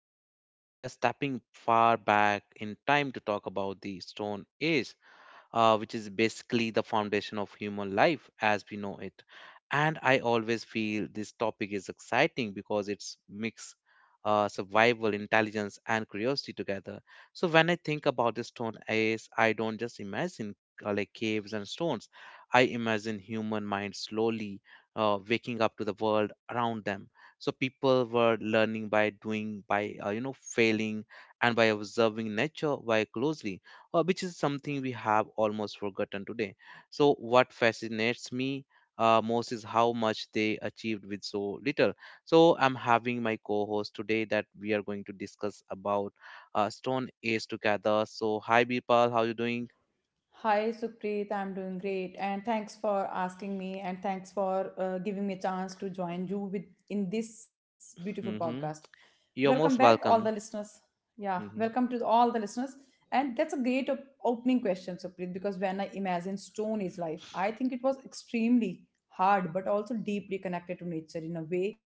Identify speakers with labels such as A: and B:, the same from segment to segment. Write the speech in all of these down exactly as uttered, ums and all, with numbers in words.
A: Uh, today we are stepping far back in time to talk about the Stone Age, uh, which is basically the foundation of human life as we know it. And I always feel this topic is exciting because it's mix uh, survival, intelligence, and curiosity together. So when I think about the stone age, I don't just imagine uh, like caves and stones. I imagine human minds slowly uh, waking up to the world around them. So people were learning by doing, by uh, you know failing, and by observing nature very closely uh, which is something we have almost forgotten today. So, what fascinates me uh, most is how much they achieved with so little. So, I'm having my co host today that we are going to discuss about uh, Stone Age together. So, hi, Birpal, how you doing?
B: Hi Supreet, I'm doing great and thanks for asking me and thanks for uh, giving me a chance to join you with in this beautiful
A: Hmm.
B: podcast.
A: You're
B: Welcome
A: most
B: back all the
A: welcome.
B: listeners. Yeah,
A: Mm-hmm.
B: welcome to all the listeners. And that's a great op- opening question Supreet, because when I imagine stone is life, I think it was extremely hard but also deeply connected to nature in a way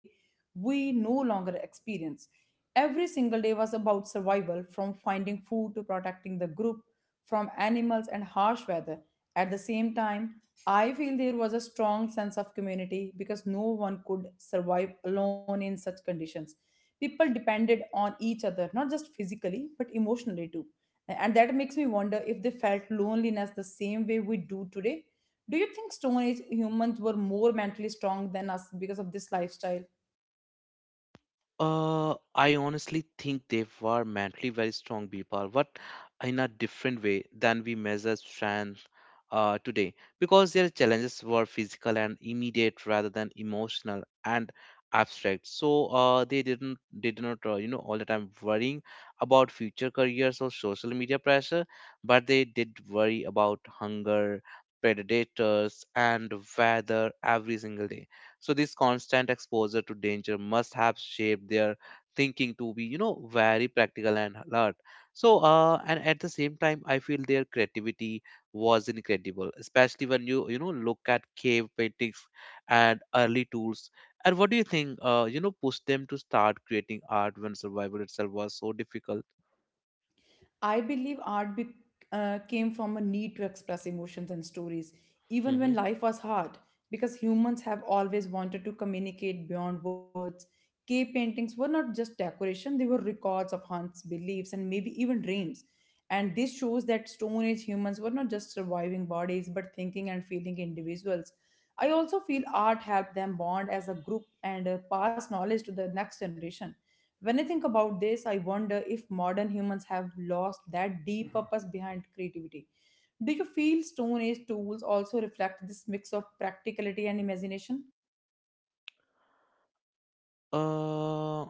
B: we no longer experience. Every single day was about survival, from finding food to protecting the group from animals and harsh weather. At the same time, I feel there was a strong sense of community because no one could survive alone in such conditions. People depended on each other, not just physically, but emotionally too. And that makes me wonder if they felt loneliness the same way we do today. Do you think Stone Age humans were more mentally strong than us because of this lifestyle?
A: Uh, I honestly think they were mentally very strong people, but in a different way than we measure strength uh, today, because their challenges were physical and immediate rather than emotional and abstract. So uh, they didn't, they did not, uh, you know, all the time worrying about future careers or social media pressure, but they did worry about hunger, predators, and weather every single day. So this constant exposure to danger must have shaped their thinking to be, you know, very practical and alert. So, uh, and at the same time, I feel their creativity was incredible, especially when you, you know, look at cave paintings and early tools. And what do you think, uh, you know, pushed them to start creating art when survival itself was so difficult?
B: I believe art be, uh, came from a need to express emotions and stories, even when
A: Hmm.
B: life was hard, because humans have always wanted to communicate beyond words. Cave paintings were not just decoration, they were records of hunts, beliefs, and maybe even dreams. And this shows that Stone Age humans were not just surviving bodies, but thinking and feeling individuals. I also feel art helped them bond as a group and uh, pass knowledge to the next generation. When I think about this, I wonder if modern humans have lost that deep purpose behind creativity. Do you feel Stone Age tools also reflect this mix of practicality and imagination?
A: Uh,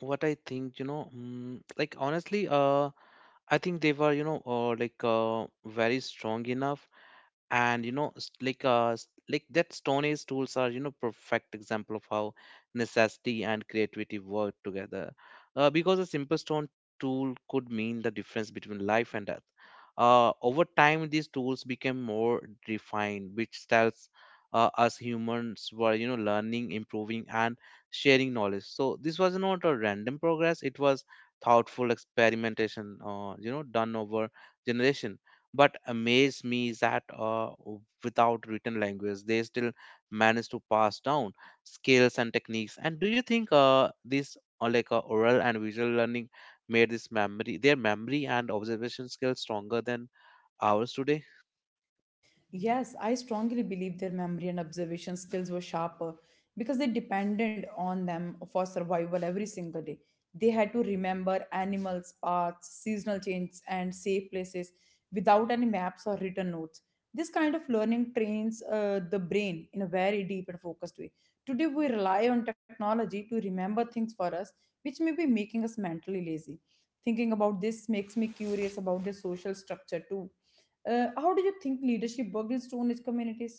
A: what I think, you know, mm, like honestly, uh, I think they were, you know, uh, like uh, very strong enough and you know s- like uh s- like that stone age tools are you know perfect example of how necessity and creativity work together uh, because a simple stone tool could mean the difference between life and death. Uh, over time these tools became more refined, which tells uh, us humans were you know learning, improving, and sharing knowledge. So this was not a random progress, it was thoughtful experimentation uh, you know done over generation. But amaze me is that uh, without written language they still manage to pass down skills and techniques. And do you think uh, this uh, like uh, oral and visual learning made this memory their memory and observation skills stronger than ours today?
B: Yes, I strongly believe their memory and observation skills were sharper because they depended on them for survival every single day. They had to remember animals, paths, seasonal changes, and safe places without any maps or written notes. This kind of learning trains uh, the brain in a very deep and focused way. Today, we rely on technology to remember things for us, which may be making us mentally lazy. Thinking about this makes me curious about the social structure too. Uh, how do you think leadership worked in Stone Age communities?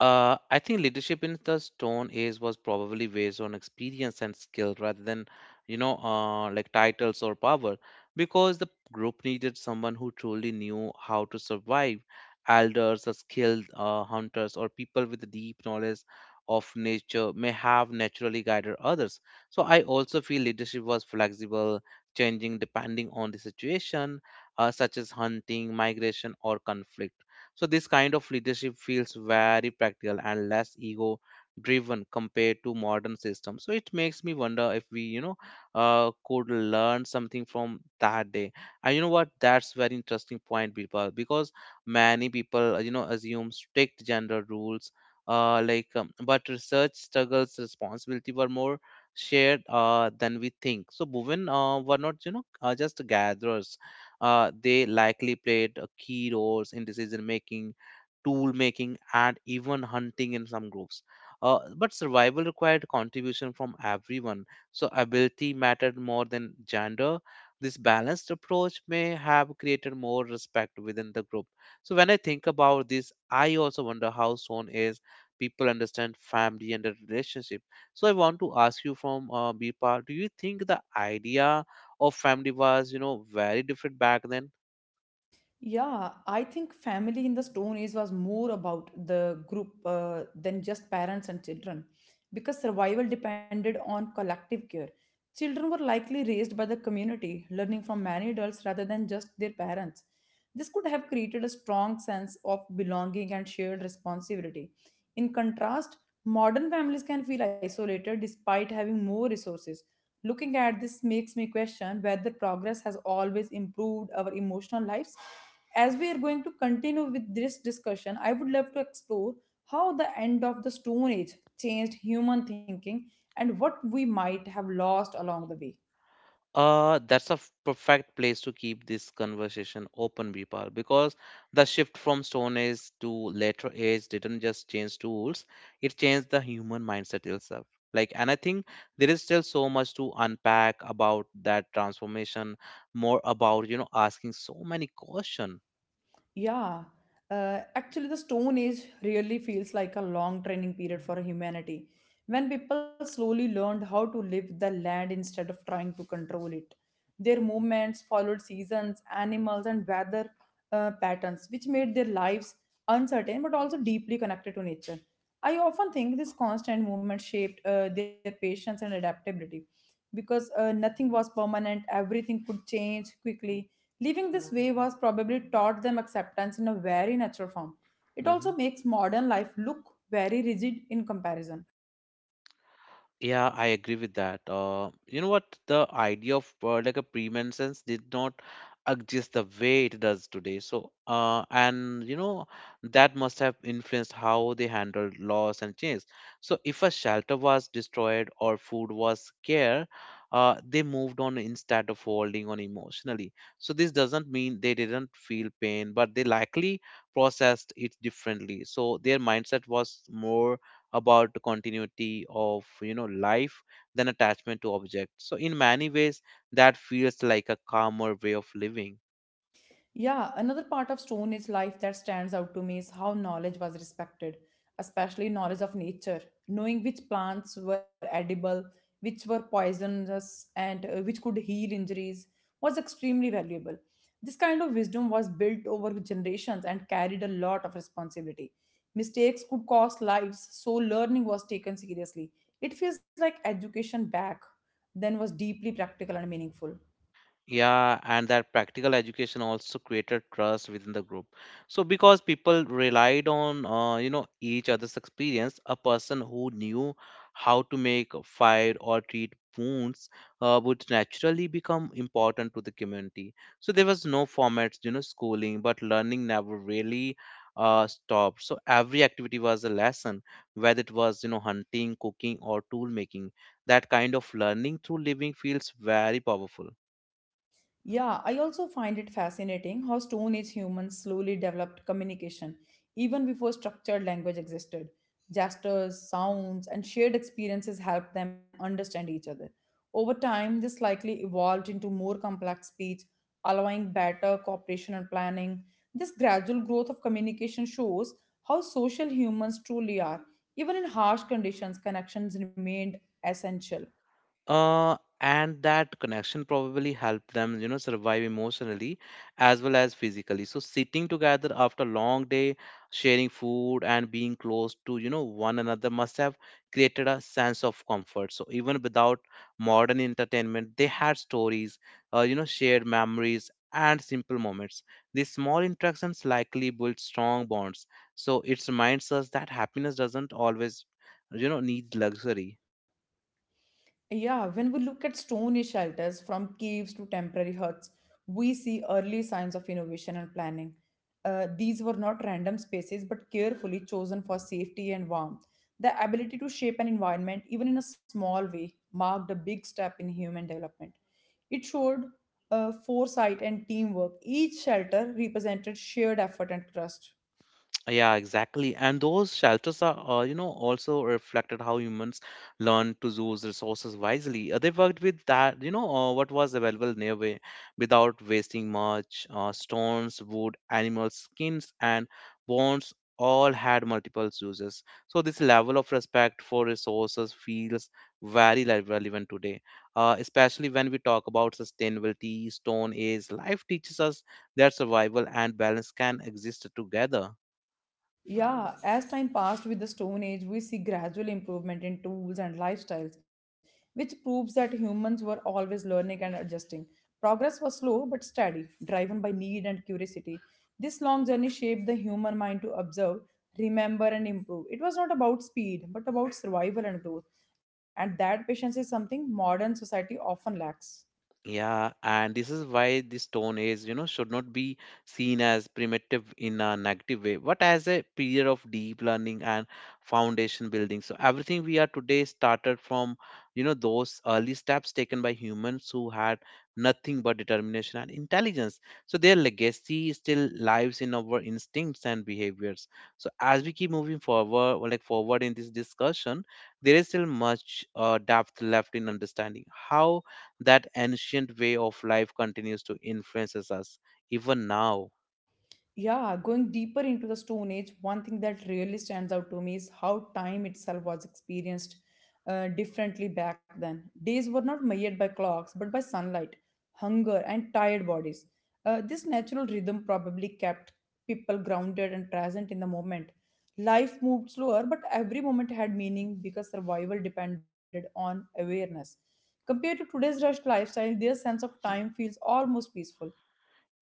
A: Uh, I think leadership in the Stone Age was probably based on experience and skill rather than, you know, uh, like titles or power, because the group needed someone who truly knew how to survive. Elders, or skilled uh, hunters, or people with deep knowledge of nature may have naturally guided others. So I also feel leadership was flexible, changing depending on the situation, uh, such as hunting, migration, or conflict. So this kind of leadership feels very practical and less ego driven compared to modern systems. So it makes me wonder if we, you know, uh, could learn something from that day. And you know what? That's very interesting point, people, because many people, uh, you know, assume strict gender rules. Uh, like, um, but research struggles responsibility were more shared uh, than we think. So women uh, were not, you know, uh, just gatherers. Uh, they likely played uh, key roles in decision making, tool making, and even hunting in some groups. Uh, but survival required contribution from everyone, so ability mattered more than gender. This balanced approach may have created more respect within the group. So when I think about this, I also wonder how soon is people understand family and the relationship. So I want to ask you from uh, Bipa, do you think the idea of family was you know very different back then?
B: Yeah, I think family in the Stone Age was more about the group uh, than just parents and children, because survival depended on collective care. Children were likely raised by the community, learning from many adults rather than just their parents. This could have created a strong sense of belonging and shared responsibility. In contrast, modern families can feel isolated despite having more resources. Looking at this makes me question whether progress has always improved our emotional lives. As we are going to continue with this discussion, I would love to explore how the end of the Stone Age changed human thinking and what we might have lost along the way.
A: Uh that's a f- perfect place to keep this conversation open, Vipal, because the shift from stone age to later age didn't just change tools, it changed the human mindset itself. Like, and I think there is still so much to unpack about that transformation, more about you know asking so many questions.
B: Yeah, uh, actually, the Stone Age really feels like a long training period for humanity, when people slowly learned how to live the land instead of trying to control it. Their movements followed seasons, animals, and weather uh, patterns, which made their lives uncertain but also deeply connected to nature. I often think this constant movement shaped uh, their patience and adaptability, because uh, nothing was permanent, everything could change quickly. Living this way was probably taught them acceptance in a very natural form. It
A: Mm-hmm.
B: also makes modern life look very rigid in comparison.
A: Yeah, I agree with that. Uh, you know what? The idea of uh, like a premenses did not exist the way it does today. So, uh, and you know, that must have influenced how they handled loss and change. So, if a shelter was destroyed or food was scarce, uh, they moved on instead of holding on emotionally. So, this doesn't mean they didn't feel pain, but they likely processed it differently. So, their mindset was more about continuity of you know life than attachment to objects. So in many ways that feels like a calmer way of living.
B: Yeah, another part of Stone Age life that stands out to me is how knowledge was respected, especially knowledge of nature. Knowing which plants were edible, which were poisonous, and uh, which could heal injuries was extremely valuable. This kind of wisdom was built over generations and carried a lot of responsibility. Mistakes could cost lives, so learning was taken seriously. It feels like education back then was deeply practical and meaningful.
A: Yeah, and that practical education also created trust within the group. So because people relied on uh, you know each other's experience, a person who knew how to make a fire or treat wounds uh, would naturally become important to the community. So there was no formats, you know, schooling, but learning never really uh, stopped. So every activity was a lesson, whether it was you know hunting, cooking, or tool making. That kind of learning through living feels very powerful.
B: Yeah, I also find it fascinating how Stone Age humans slowly developed communication even before structured language existed. Gestures, sounds, and shared experiences helped them understand each other. Over time, this likely evolved into more complex speech, allowing better cooperation and planning. This gradual growth of communication shows how social humans truly are. Even in harsh conditions, connections remained essential.
A: uh, and that connection probably helped them you know survive emotionally as well as physically. So sitting together after a long day sharing food and being close to you know one another must have created a sense of comfort. So even without modern entertainment they had stories, uh, you know shared memories and simple moments. These small interactions likely built strong bonds. So it reminds us that happiness doesn't always you know need luxury.
B: Yeah, when we look at stone age shelters from caves to temporary huts, we see early signs of innovation and planning. Uh, these were not random spaces but carefully chosen for safety and warmth. The ability to shape an environment, even in a small way, marked a big step in human development. It showed uh, foresight and teamwork. Each shelter represented shared effort and trust.
A: Yeah, exactly. And those shelters are, uh, you know, also reflected how humans learn to use resources wisely. Uh, they worked with that, you know, uh, what was available nearby without wasting much. Uh, stones, wood, animal skins, and bones all had multiple uses. So this level of respect for resources feels very le- relevant today, uh, especially when we talk about sustainability, stone age. Life teaches us that survival and balance can exist together.
B: Yeah, as time passed with the Stone Age, we see gradual improvement in tools and lifestyles, which proves that humans were always learning and adjusting. Progress was slow but steady, driven by need and curiosity. This long journey shaped the human mind to observe, remember, and improve. It was not about speed, but about survival and growth. And that patience is something modern society often lacks.
A: Yeah, and this is why the Stone Age, you know, should not be seen as primitive in a negative way, but as a period of deep learning and foundation building. So everything we are today started from, you know, those early steps taken by humans who had nothing but determination and intelligence. So their legacy still lives in our instincts and behaviors. So as we keep moving forward, or like forward in this discussion, there is still much uh, depth left in understanding how that ancient way of life continues to influences us even now.
B: Yeah, going deeper into the Stone Age, one thing that really stands out to me is how time itself was experienced uh, differently back then. Days were not measured by clocks, but by sunlight, hunger, and tired bodies. Uh, this natural rhythm probably kept people grounded and present in the moment. Life moved slower, but every moment had meaning because survival depended on awareness. Compared to today's rushed lifestyle, their sense of time feels almost peaceful.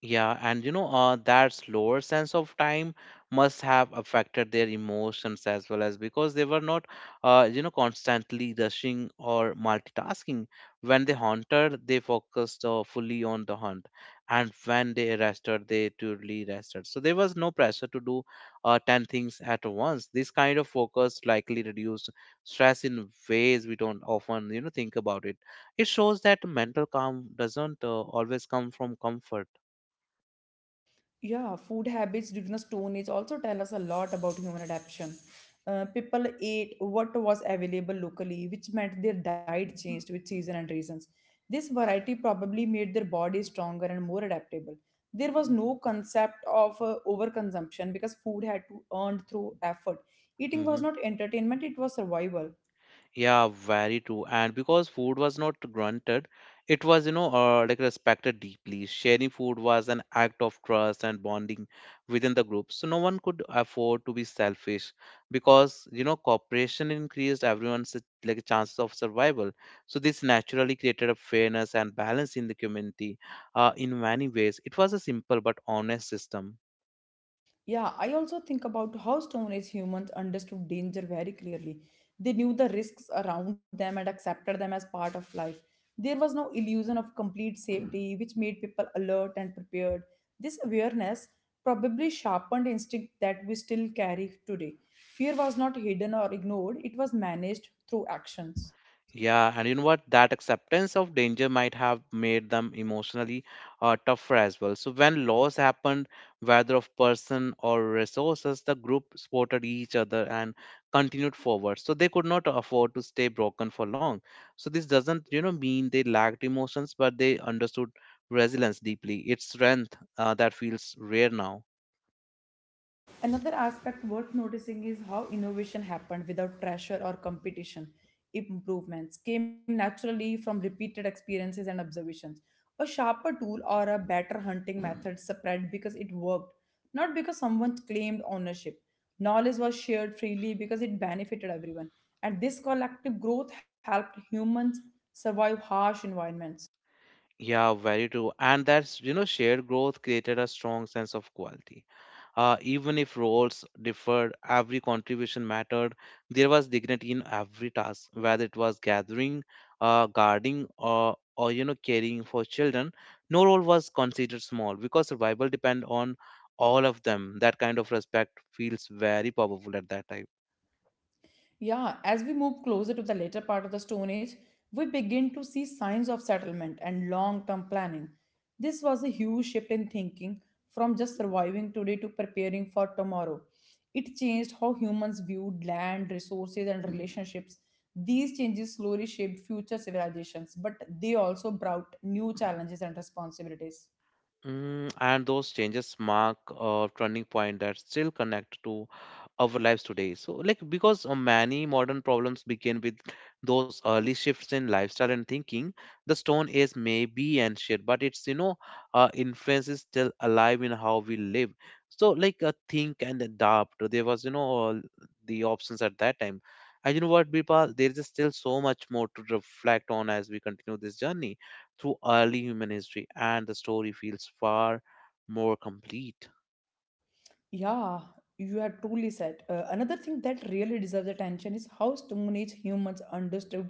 A: Yeah, and you know, uh, that slower sense of time must have affected their emotions as well as because they were not, uh, you know, constantly rushing or multitasking. When they hunted, they focused uh, fully on the hunt, and when they rested, they truly rested. So there was no pressure to do uh, ten things at once. This kind of focus likely reduced stress in ways we don't often, you know, think about it. It shows that mental calm doesn't uh, always come from comfort.
B: Yeah, food habits during the Stone Age also tell us a lot about human adaptation. Uh, people ate what was available locally, which meant their diet changed with season and reasons. This variety probably made their bodies stronger and more adaptable. There was no concept of uh, overconsumption because food had to earn through effort. Eating was
A: Hmm.
B: not entertainment, it was survival.
A: Yeah, very true. And because food was not granted, it was, you know, uh, like respected deeply. Sharing food was an act of trust and bonding within the group. So no one could afford to be selfish because, you know, cooperation increased everyone's uh, like chances of survival. So this naturally created a fairness and balance in the community. Uh, in many ways, it was a simple but honest system.
B: Yeah, I also think about how Stone Age humans understood danger very clearly. They knew the risks around them and accepted them as part of life. There was no illusion of complete safety, which made people alert and prepared. This awareness probably sharpened instinct that we still carry today. Fear was not hidden or ignored, it was managed through actions.
A: Yeah, and you know what? That acceptance of danger might have made them emotionally uh, tougher as well. So, when loss happened, whether of person or resources, the group supported each other and continued forward. So, they could not afford to stay broken for long. So, this doesn't, you know, mean they lacked emotions, but they understood resilience deeply. It's strength uh, that feels rare now.
B: Another aspect worth noticing is how innovation happened without pressure or competition. Improvements came naturally from repeated experiences and observations. A sharper tool or a better hunting method spread because it worked, not because someone claimed ownership. Knowledge was shared freely because it benefited everyone. And this collective growth helped humans survive harsh environments.
A: Yeah, very true. And that's, you know, shared growth created a strong sense of quality. Uh, even if roles differed, every contribution mattered. There was dignity in every task, whether it was gathering, uh, guarding, or or you know, caring for children. No role was considered small because survival depend on all of them. That kind of respect feels very powerful at that time.
B: Yeah, as we move closer to the later part of the Stone Age, we begin to see signs of settlement and long term planning. This was a huge shift in thinking, from just surviving today to preparing for tomorrow. It changed how humans viewed land, resources, and relationships. These changes slowly shaped future civilizations, but they also brought new challenges and responsibilities.
A: Mm, and those changes mark a turning point that still connect to our lives today. So, like, because uh, many modern problems begin with those early shifts in lifestyle and thinking, the Stone Age may be ancient, but it's, you know, uh, influence is still alive in how we live. So, like, uh, think and adapt. There was, you know, all the options at that time. And you know what, Birpal, there is still so much more to reflect on as we continue this journey through early human history, and the story feels far more complete.
B: Yeah, you have truly said. Uh, another thing that really deserves attention is how Stone Age humans understood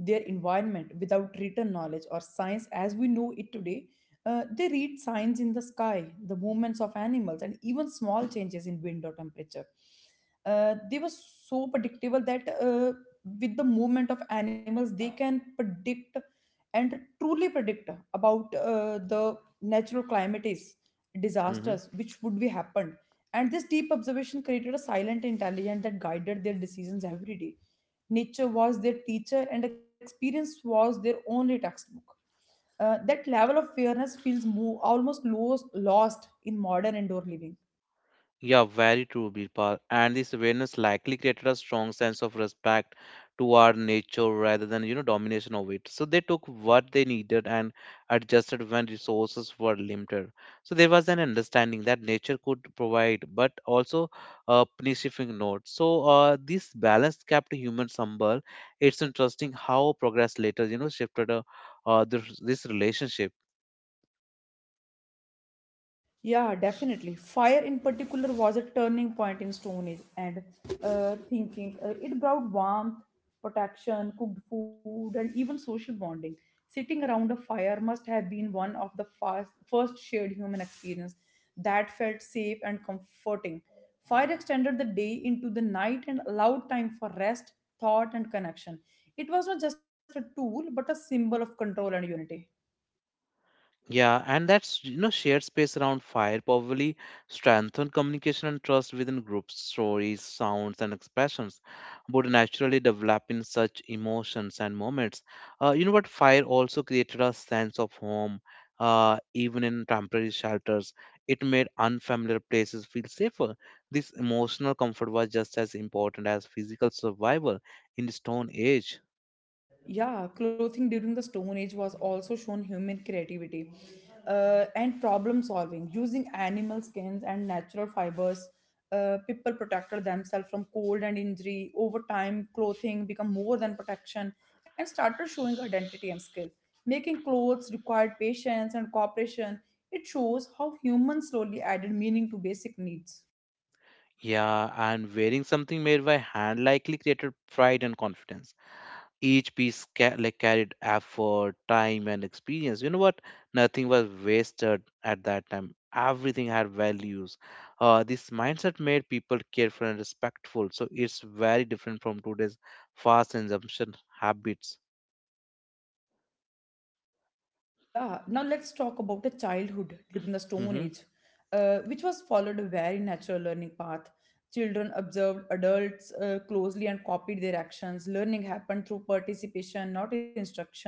B: their environment without written knowledge or science as we know it today. Uh, they read signs in the sky, the movements of animals, and even small changes in wind or temperature. Uh, they were so predictable that uh, with the movement of animals, they can predict and truly predict about uh, the natural climates
A: Mhm.
B: disasters which would be happened, and this deep observation created a silent intelligence that guided their decisions every day. Nature was their teacher, and experience was their only textbook. Uh, that level of fairness feels mo- almost lost, lost in modern indoor living.
A: Yeah, very true, Birpal. And this awareness likely created a strong sense of respect toward nature rather than, you know, domination of it. So they took what they needed and adjusted when resources were limited. So there was an understanding that nature could provide, but also a punishing note. So uh, this balance kept humans humble. It's interesting how progress later, you know, shifted uh, uh, this, this relationship.
B: Yeah, definitely. Fire in particular was a turning point in Stone Age and uh, thinking. Uh, it brought warmth, protection, cooked food, and even social bonding. Sitting around a fire must have been one of the fast, first shared human experience that felt safe and comforting. Fire extended the day into the night and allowed time for rest, thought, and connection. It was not just a tool, but a symbol of control and unity.
A: Yeah, and that's, you know, shared space around fire probably strengthened communication and trust within groups. Stories, sounds, and expressions would naturally develop in such emotions and moments. Uh, you know what? Fire also created a sense of home, uh, even in temporary shelters. It made unfamiliar places feel safer. This emotional comfort was just as important as physical survival in the Stone Age.
B: Yeah, clothing during the Stone Age was also shown human creativity uh, and problem solving. Using animal skins and natural fibers, uh, people protected themselves from cold and injury. Over time, clothing became more than protection and started showing identity and skill. Making clothes required patience and cooperation. It shows how humans slowly added meaning to basic needs.
A: Yeah, and wearing something made by hand likely created pride and confidence. Each piece ca- like carried effort, time, and experience. You know what, nothing was wasted at that time. Everything had values. Uh, this mindset made people careful and respectful, so it's very different from today's fast consumption habits.
B: Yeah, now let's talk about the childhood during the Stone
A: Hmm
B: Age, uh, which was followed a very natural learning path. Children observed adults uh, closely and copied their actions. Learning happened through participation, not instruction.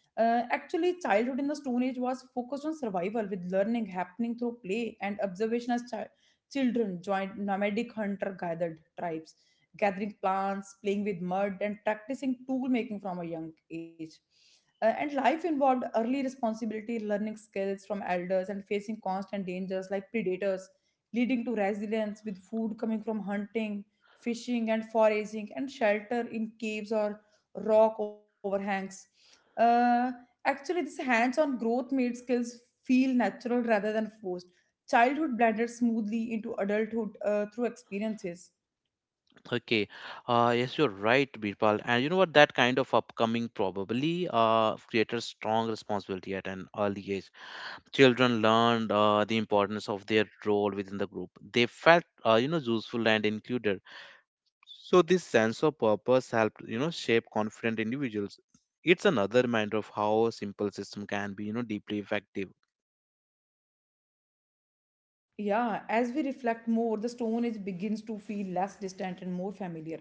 B: Uh, actually, childhood in the Stone Age was focused on survival, with learning happening through play and observation as chi- children joined nomadic hunter gathered tribes, gathering plants, playing with mud, and practicing tool making from a young age. Uh, and life involved early responsibility, learning skills from elders, and facing constant dangers like predators, leading to resilience, with food coming from hunting, fishing, and foraging, and shelter in caves or rock overhangs. Uh, actually, this hands on growth made skills feel natural rather than forced. Childhood blended smoothly into adulthood uh, through experiences.
A: Okay. Uh, yes, you're right, Birpal. And you know what? That kind of upcoming probably uh, created strong responsibility at an early age. Children learned uh, the importance of their role within the group. They felt, uh, you know, useful and included, so this sense of purpose helped, you know, shape confident individuals. It's another reminder of how a simple system can be, you know, deeply effective.
B: Yeah, as we reflect more, the Stone Age begins to feel less distant and more familiar.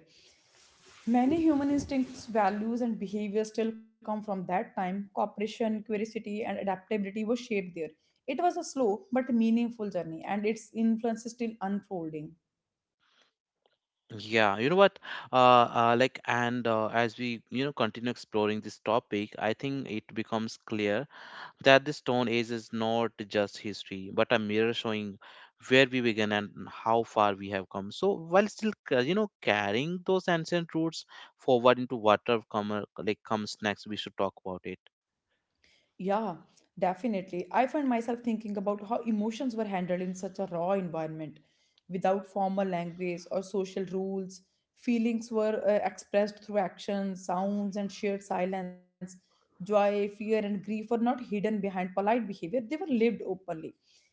B: Many human instincts, values, and behaviors still come from that time. Cooperation, curiosity, and adaptability were shaped there. It was a slow but meaningful journey, and its influence is still unfolding.
A: Yeah, you know what? Uh, uh like and uh, As we, you know, continue exploring this topic, I think it becomes clear that the Stone Age is not just history, but a mirror showing where we began and how far we have come. So while still, ca- you know, carrying those ancient roots forward into whatever come, uh, like comes next, we should talk about it.
B: Yeah, definitely. I find myself thinking about how emotions were handled in such a raw environment without formal language or social rules. Feelings were uh, expressed through actions, sounds, and shared silence. Joy, fear, and grief were not hidden behind polite behavior, they were lived openly.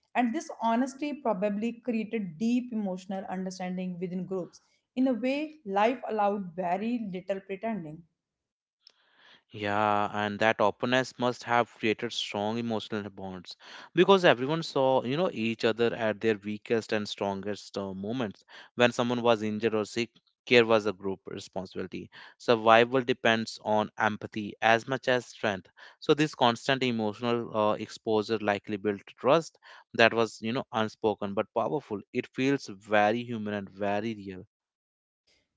B: And this honesty probably created deep emotional understanding within groups. In a way, life allowed very little pretending.
A: Yeah, and that openness must have created strong emotional bonds, because everyone saw, you know, each other at their weakest and strongest uh, moments. When someone was injured or sick, care was a group responsibility. Survival depends on empathy as much as strength. So this constant emotional uh, exposure likely built trust that was, you know, unspoken but powerful. It feels very human and very real.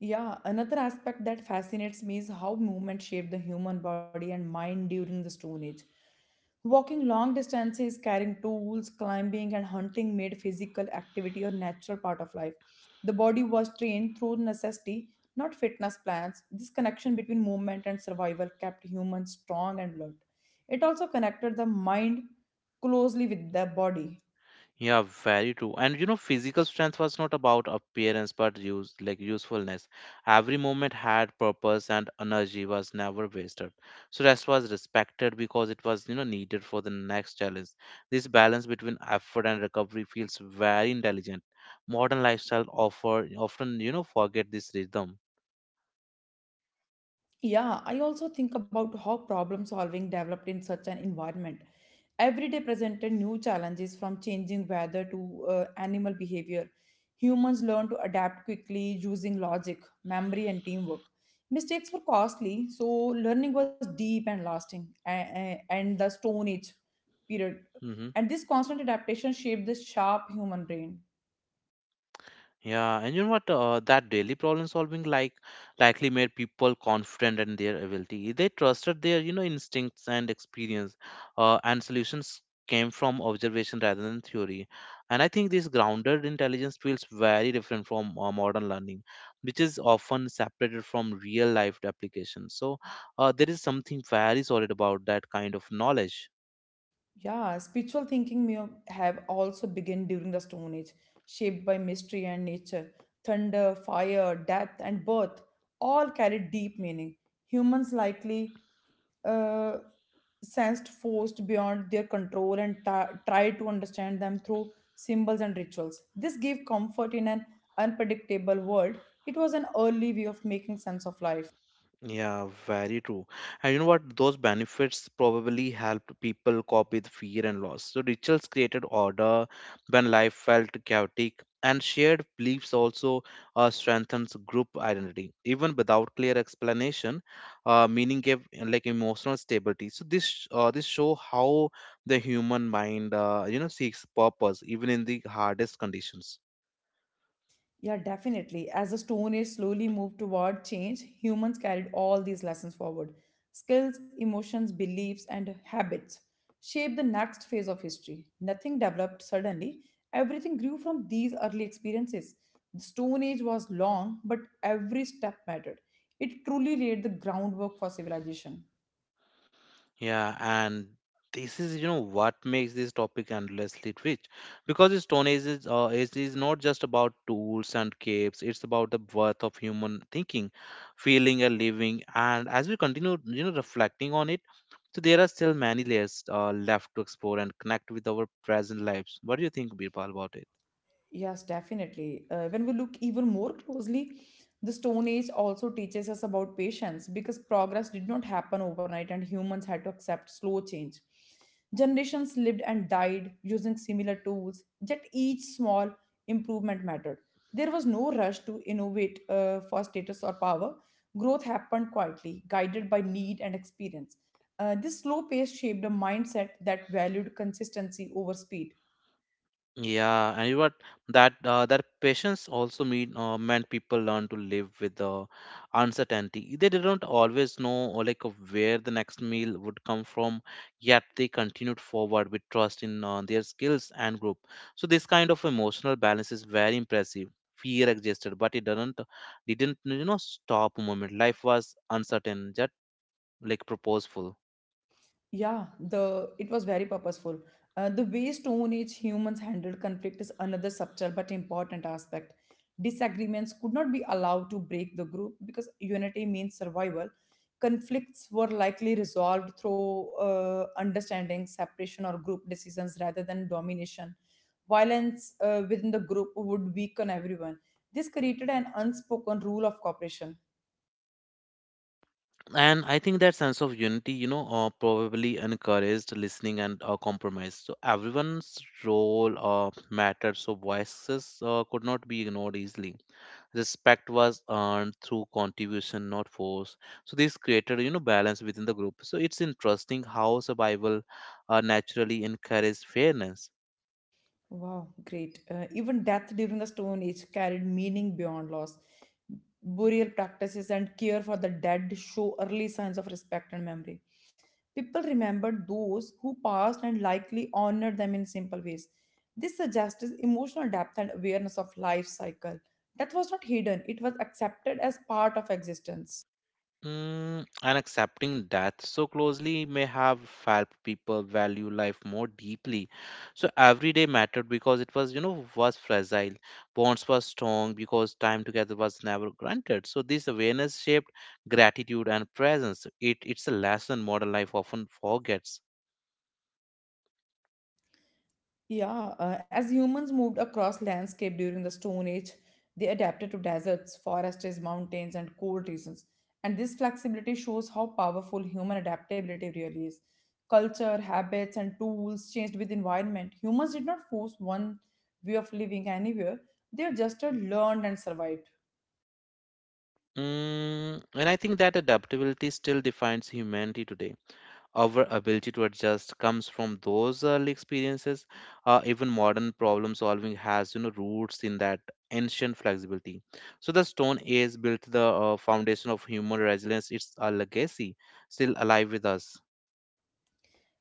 B: Yeah, another aspect that fascinates me is how movement shaped the human body and mind during the Stone Age. Walking long distances, carrying tools, climbing, and hunting made physical activity a natural part of life. The body was trained through necessity, not fitness plans. This connection between movement and survival kept humans strong and alert. It also connected the mind closely with the body.
A: Yeah, very true. And you know, physical strength was not about appearance but use like usefulness. Every moment had purpose and energy was never wasted. So rest was respected because it was, you know, needed for the next challenge. This balance between effort and recovery feels very intelligent. Modern lifestyle offer often, you know, forget this rhythm.
B: Yeah, I also think about how problem solving developed in such an environment. Every day presented new challenges from changing weather to uh, animal behavior. Humans learned to adapt quickly using logic, memory, and teamwork. Mistakes were costly, so learning was deep and lasting, a- a- and the Stone Age period.
A: hmm
B: And this constant adaptation shaped the sharp human brain.
A: Yeah, and you know what? Uh, that daily problem solving like likely made people confident in their ability. They trusted their, you know, instincts and experience, uh, and solutions came from observation rather than theory. And I think this grounded intelligence feels very different from uh, modern learning, which is often separated from real life application. So uh, there is something very solid about that kind of knowledge.
B: Yeah, spiritual thinking may have also begun during the Stone Age, shaped by mystery and nature. Thunder, fire, death, and birth all carried deep meaning. Humans likely uh, sensed forces beyond their control and ta- tried to understand them through symbols and rituals. This gave comfort in an unpredictable world. It was an early way of making sense of life.
A: Yeah, very true. And you know what? Those benefits probably helped people cope with fear and loss. So rituals created order when life felt chaotic, and shared beliefs also uh, strengthens group identity. Even without clear explanation, uh, meaning gave uh, like emotional stability. So this uh, this show how the human mind, uh, you know, seeks purpose even in the hardest conditions.
B: Yeah, definitely. As the Stone Age slowly moved toward change, humans carried all these lessons forward. Skills, emotions, beliefs, and habits shaped the next phase of history. Nothing developed suddenly, everything grew from these early experiences. The Stone Age was long, but every step mattered. It truly laid the groundwork for civilization.
A: Yeah, and this is, you know, what makes this topic endlessly rich, because the Stone Age is uh, age is not just about tools and caves; it's about the worth of human thinking, feeling, and living. And as we continue, you know, reflecting on it, so there are still many layers uh, left to explore and connect with our present lives. What do you think, Birbal, about it?
B: Yes, definitely. Uh, when we look even more closely, the Stone Age also teaches us about patience because progress did not happen overnight and humans had to accept slow change. Generations lived and died using similar tools, yet each small improvement mattered. There was no rush to innovate uh, for status or power. Growth happened quietly, guided by need and experience. Uh, this slow pace shaped a mindset that valued consistency over speed.
A: Yeah, and you what that uh, that patience also mean uh, meant people learn to live with the uncertainty. They didn't always know or like of where the next meal would come from, yet they continued forward with trust in, uh, their skills and group. So this kind of emotional balance is very impressive. Fear existed, but it didn't didn't you know stop a moment. Life was uncertain, yet like purposeful.
B: Yeah, the it was very purposeful. Uh, the way Stone Age humans handled conflict is another subtle but important aspect. Disagreements could not be allowed to break the group because unity means survival. Conflicts were likely resolved through uh, understanding, separation, or group decisions rather than domination. Violence uh, within the group would weaken everyone. This created an unspoken rule of cooperation.
A: And I think that sense of unity, you know, uh, probably encouraged listening and, uh, compromise, so everyone's role, uh, mattered, so voices, uh, could not be ignored easily. Respect was earned through contribution, not force. So this created, you know, balance within the group. So it's interesting how survival, uh, naturally encouraged fairness.
B: Wow, great. Uh, even death during the Stone Age carried meaning beyond loss. Burial practices and care for the dead show early signs of respect and memory. People remembered those who passed and likely honored them in simple ways. This suggests emotional depth and awareness of life cycle. Death was not hidden, it was accepted as part of existence.
A: Mm, and accepting death so closely may have helped people value life more deeply. So every day mattered because it was, you know, was fragile. Bonds were strong because time together was never granted. So this awareness shaped gratitude and presence. It it's a lesson modern life often forgets.
B: Yeah, uh, as humans moved across landscape during the Stone Age, they adapted to deserts, forests, mountains, and cold regions. And this flexibility shows how powerful human adaptability really is. Culture, habits, and tools changed with environment. Humans did not force one way of living anywhere; they adjusted, learned, and survived.
A: Mm, and I think that adaptability still defines humanity today. Our ability to adjust comes from those early experiences. Uh, even modern problem solving has, you know, roots in that ancient flexibility. So the Stone Age built the uh, foundation of human resilience. It's a legacy still alive with us.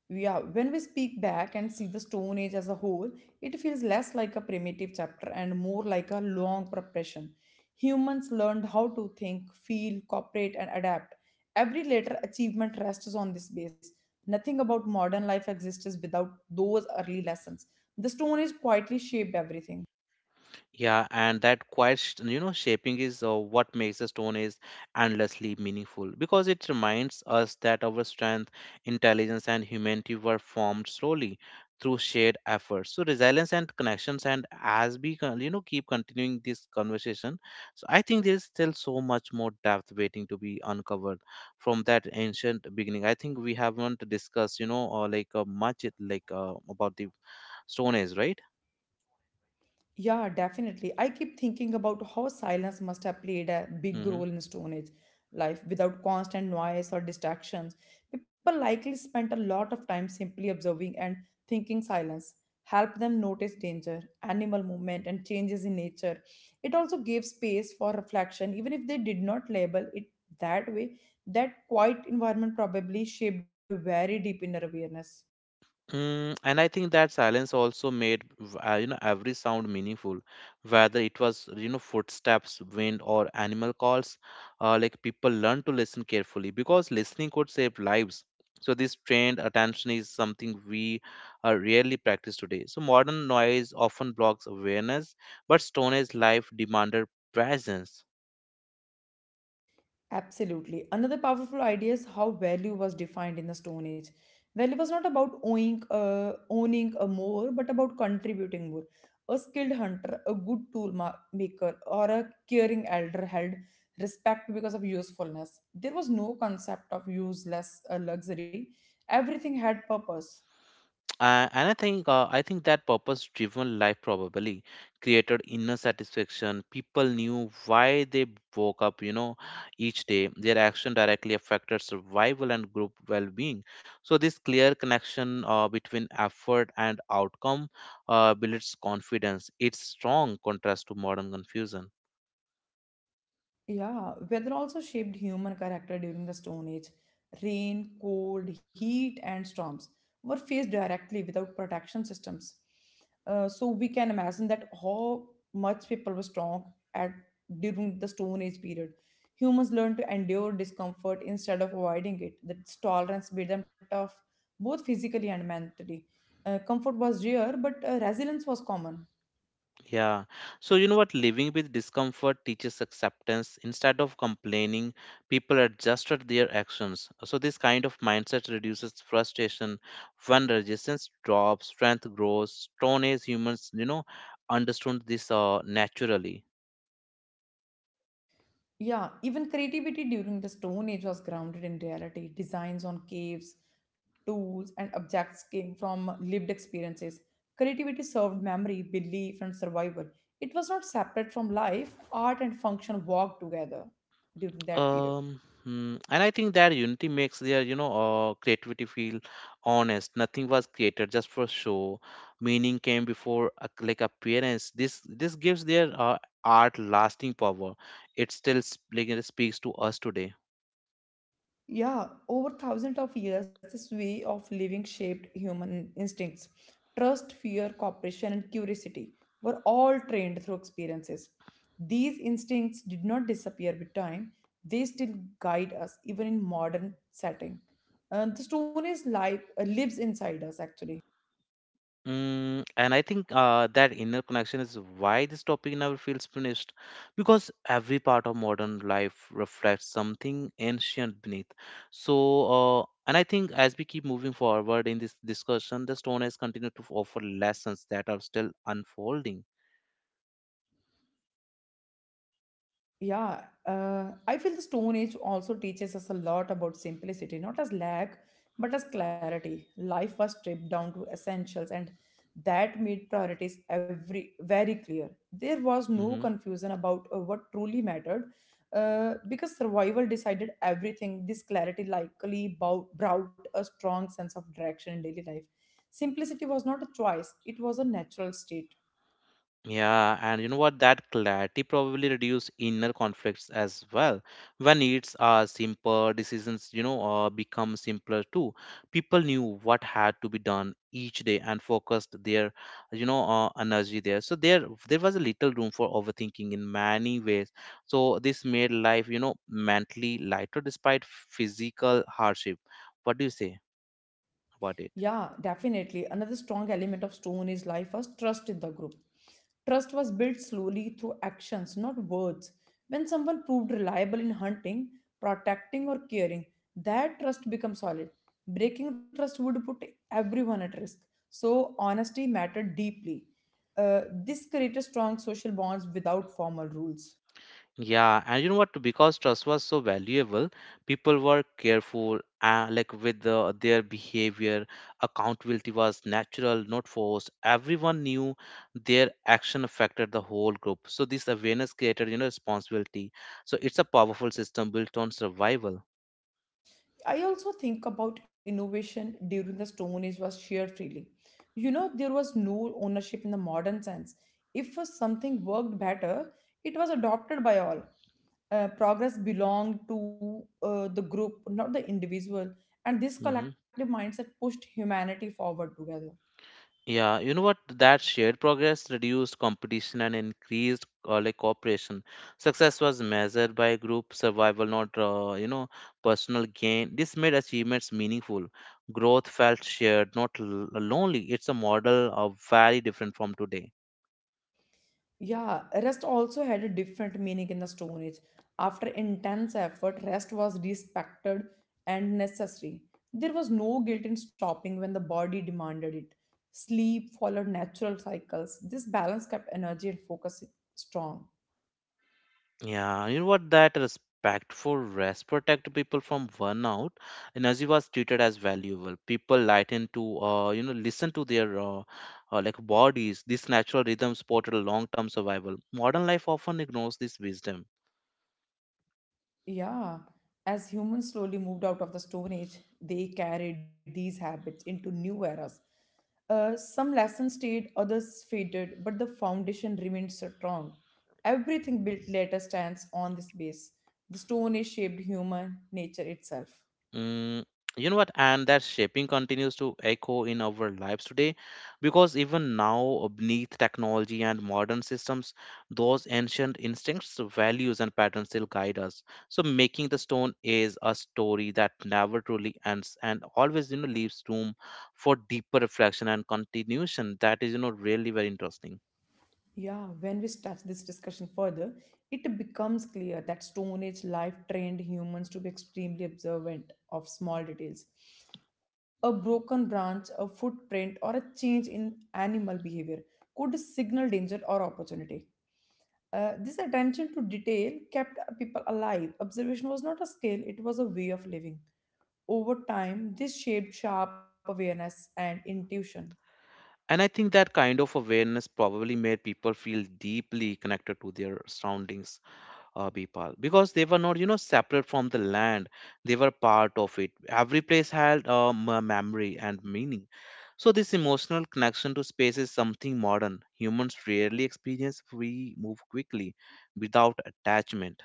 B: Yeah, when we speak back and see the Stone Age as a whole, it feels less like a primitive chapter and more like a long preparation. Humans learned how to think, feel, cooperate, and adapt. Every later achievement rests on this base. Nothing about modern life exists without those early lessons. The Stone Age quietly shaped everything.
A: Yeah, and that quiet, sh- you know, shaping is uh, what makes the stone is endlessly meaningful, because it reminds us that our strength, intelligence, and humanity were formed slowly through shared efforts. So resilience and connections, and as we, con- you know, keep continuing this conversation, so I think there is still so much more depth waiting to be uncovered from that ancient beginning. I think we haven't discussed, you know, uh, like uh, much it- like uh, about the stone age, right?
B: Yeah, definitely. I keep thinking about how silence must have played a big
A: Mhm.
B: role in Stone Age life without constant noise or distractions. People likely spent a lot of time simply observing and thinking silence helped them notice danger, animal movement, and changes in nature. It also gave space for reflection, even if they did not label it that way. That quiet environment probably shaped a very deep inner awareness.
A: Mm, and I think that silence also made v- uh, you know every sound meaningful, whether it was, you know, footsteps, wind, or animal calls. Uh, like people learned to listen carefully because listening could save lives. So this trained attention is something we, uh, rarely practice today. So modern noise often blocks awareness, but Stone Age life demanded presence.
B: Absolutely. Another powerful idea is how value was defined in the Stone Age. Value was not about owning, uh, owning a more, but about contributing more. A skilled hunter, a good tool ma- maker, or a caring elder held respect because of usefulness. There was no concept of useless uh, luxury. Everything had purpose.
A: Uh, and I think uh, I think that purpose-driven life probably created inner satisfaction. People knew why they woke up, you know, each day. Their action directly affected survival and group well-being. So this clear connection, uh, between effort and outcome, uh, builds confidence. It's strong contrast to modern confusion.
B: Yeah, weather also shaped human character during the Stone Age. Rain, cold, heat, and storms were faced directly without protection systems. Uh, so we can imagine that how much people were strong at during the Stone Age period. Humans learned to endure discomfort instead of avoiding it. That tolerance made them tough, both physically and mentally. Uh, comfort was rare, but uh, resilience was common.
A: Yeah. So, you know what? Living with discomfort teaches acceptance. Instead of complaining, people adjusted their actions. So, this kind of mindset reduces frustration. When resistance drops, strength grows. Stone Age humans, you know, understood this, uh, naturally.
B: Yeah, even creativity during the Stone Age was grounded in reality. Designs on caves, tools, and objects came from lived experiences. Creativity served memory, belief, and survival. It was not separate from life. Art and function walked together during that period.
A: Um, hmm, and I think that unity makes their, you know, uh, creativity feel honest. Nothing was created just for show. Meaning came before uh, like appearance. This this gives their, uh, art lasting power. It still sp- like, it speaks to us today.
B: Yeah, over thousands of years, this way of living shaped human instincts. Trust, fear, cooperation, and curiosity were all trained through experiences. These instincts did not disappear with time, they still guide us, even in modern setting. Uh, the stone is life, uh, lives inside us, actually.
A: Mm, and I think, uh, that inner connection is why this topic never feels finished, because every part of modern life reflects something ancient beneath. So, uh, and I think as we keep moving forward in this discussion, the stone has continued to offer lessons that are still unfolding.
B: Yeah, uh, I feel the Stone Age also teaches us a lot about simplicity, not as lack, but as clarity. Life was stripped down to essentials, and that made priorities every very clear. There was no
A: Mm-hmm.
B: confusion about uh, what truly mattered, uh, because survival decided everything. This clarity likely bow- brought a strong sense of direction in daily life. Simplicity was not a choice; it was a natural state.
A: Yeah, and you know what? That clarity probably reduce inner conflicts as well. When needs are simple, decisions, you know, uh, become simpler too. People knew what had to be done each day and focused their, you know, uh, energy there. So there, there was a little room for overthinking in many ways. So this made life, you know, mentally lighter despite physical hardship. What do you say about it?
B: Yeah, definitely. Another strong element of Stone is life was trust in the group. Trust was built slowly through actions, not words. When someone proved reliable in hunting, protecting, or caring, that trust becomes solid. Breaking trust would put everyone at risk. So, honesty mattered deeply. Uh, this created strong social bonds without formal rules.
A: Yeah, and you know what? Because trust was so valuable, people were careful, uh, like with the, their behavior. Accountability was natural, not forced. Everyone knew their action affected the whole group. So this awareness created, you know, responsibility. So it's a powerful system built on survival.
B: I also think about innovation during the Stone Age was shared freely. You know, there was no ownership in the modern sense. If something worked better, it was adopted by all. Uh, progress belonged to uh, the group, not the individual, and this
A: Mhm.
B: collective mindset pushed humanity forward together.
A: Yeah, you know what? That shared progress reduced competition and increased, uh, like cooperation. Success was measured by group survival, not, uh, you know, personal gain. This made achievements meaningful. Growth felt shared, not l- lonely. It's a model of very different from today.
B: Yeah, rest also had a different meaning in the Stone Age. After intense effort, rest was respected and necessary. There was no guilt in stopping when the body demanded it. Sleep followed natural cycles. This balance kept energy and focus strong.
A: Yeah, you know what? That respectful rest protect people from burnout. Energy was treated as valuable. People lighten to, uh, you know, listen to their uh, uh, like bodies. This natural rhythm supported long-term survival. Modern life often ignores this wisdom.
B: Yeah, as humans slowly moved out of the Stone Age, they carried these habits into new eras. Uh, some lessons stayed, others faded, but the foundation remained strong. Everything built later stands on this base. The Stone Age shaped human nature itself.
A: Mm, you know what? And that shaping continues to echo in our lives today, because even now, uh, beneath technology and modern systems, those ancient instincts, values, and patterns still guide us. So, making the Stone is a story that never truly ends and always, you know, leaves room for deeper reflection and continuation. That is, you know, really very interesting.
B: Yeah, when we start this discussion further, it becomes clear that Stone Age life trained humans to be extremely observant of small details. A broken branch, a footprint, or a change in animal behavior could signal danger or opportunity. Uh, this attention to detail kept people alive. Observation was not a skill, it was a way of living. Over time, this shaped sharp awareness and intuition.
A: And I think that kind of awareness probably made people feel deeply connected to their surroundings, uh, Bipal, because they were not, you know, separate from the land. They were part of it. Every place had a m- memory and meaning. So this emotional connection to space is something modern. Humans rarely experience. We move quickly, without attachment.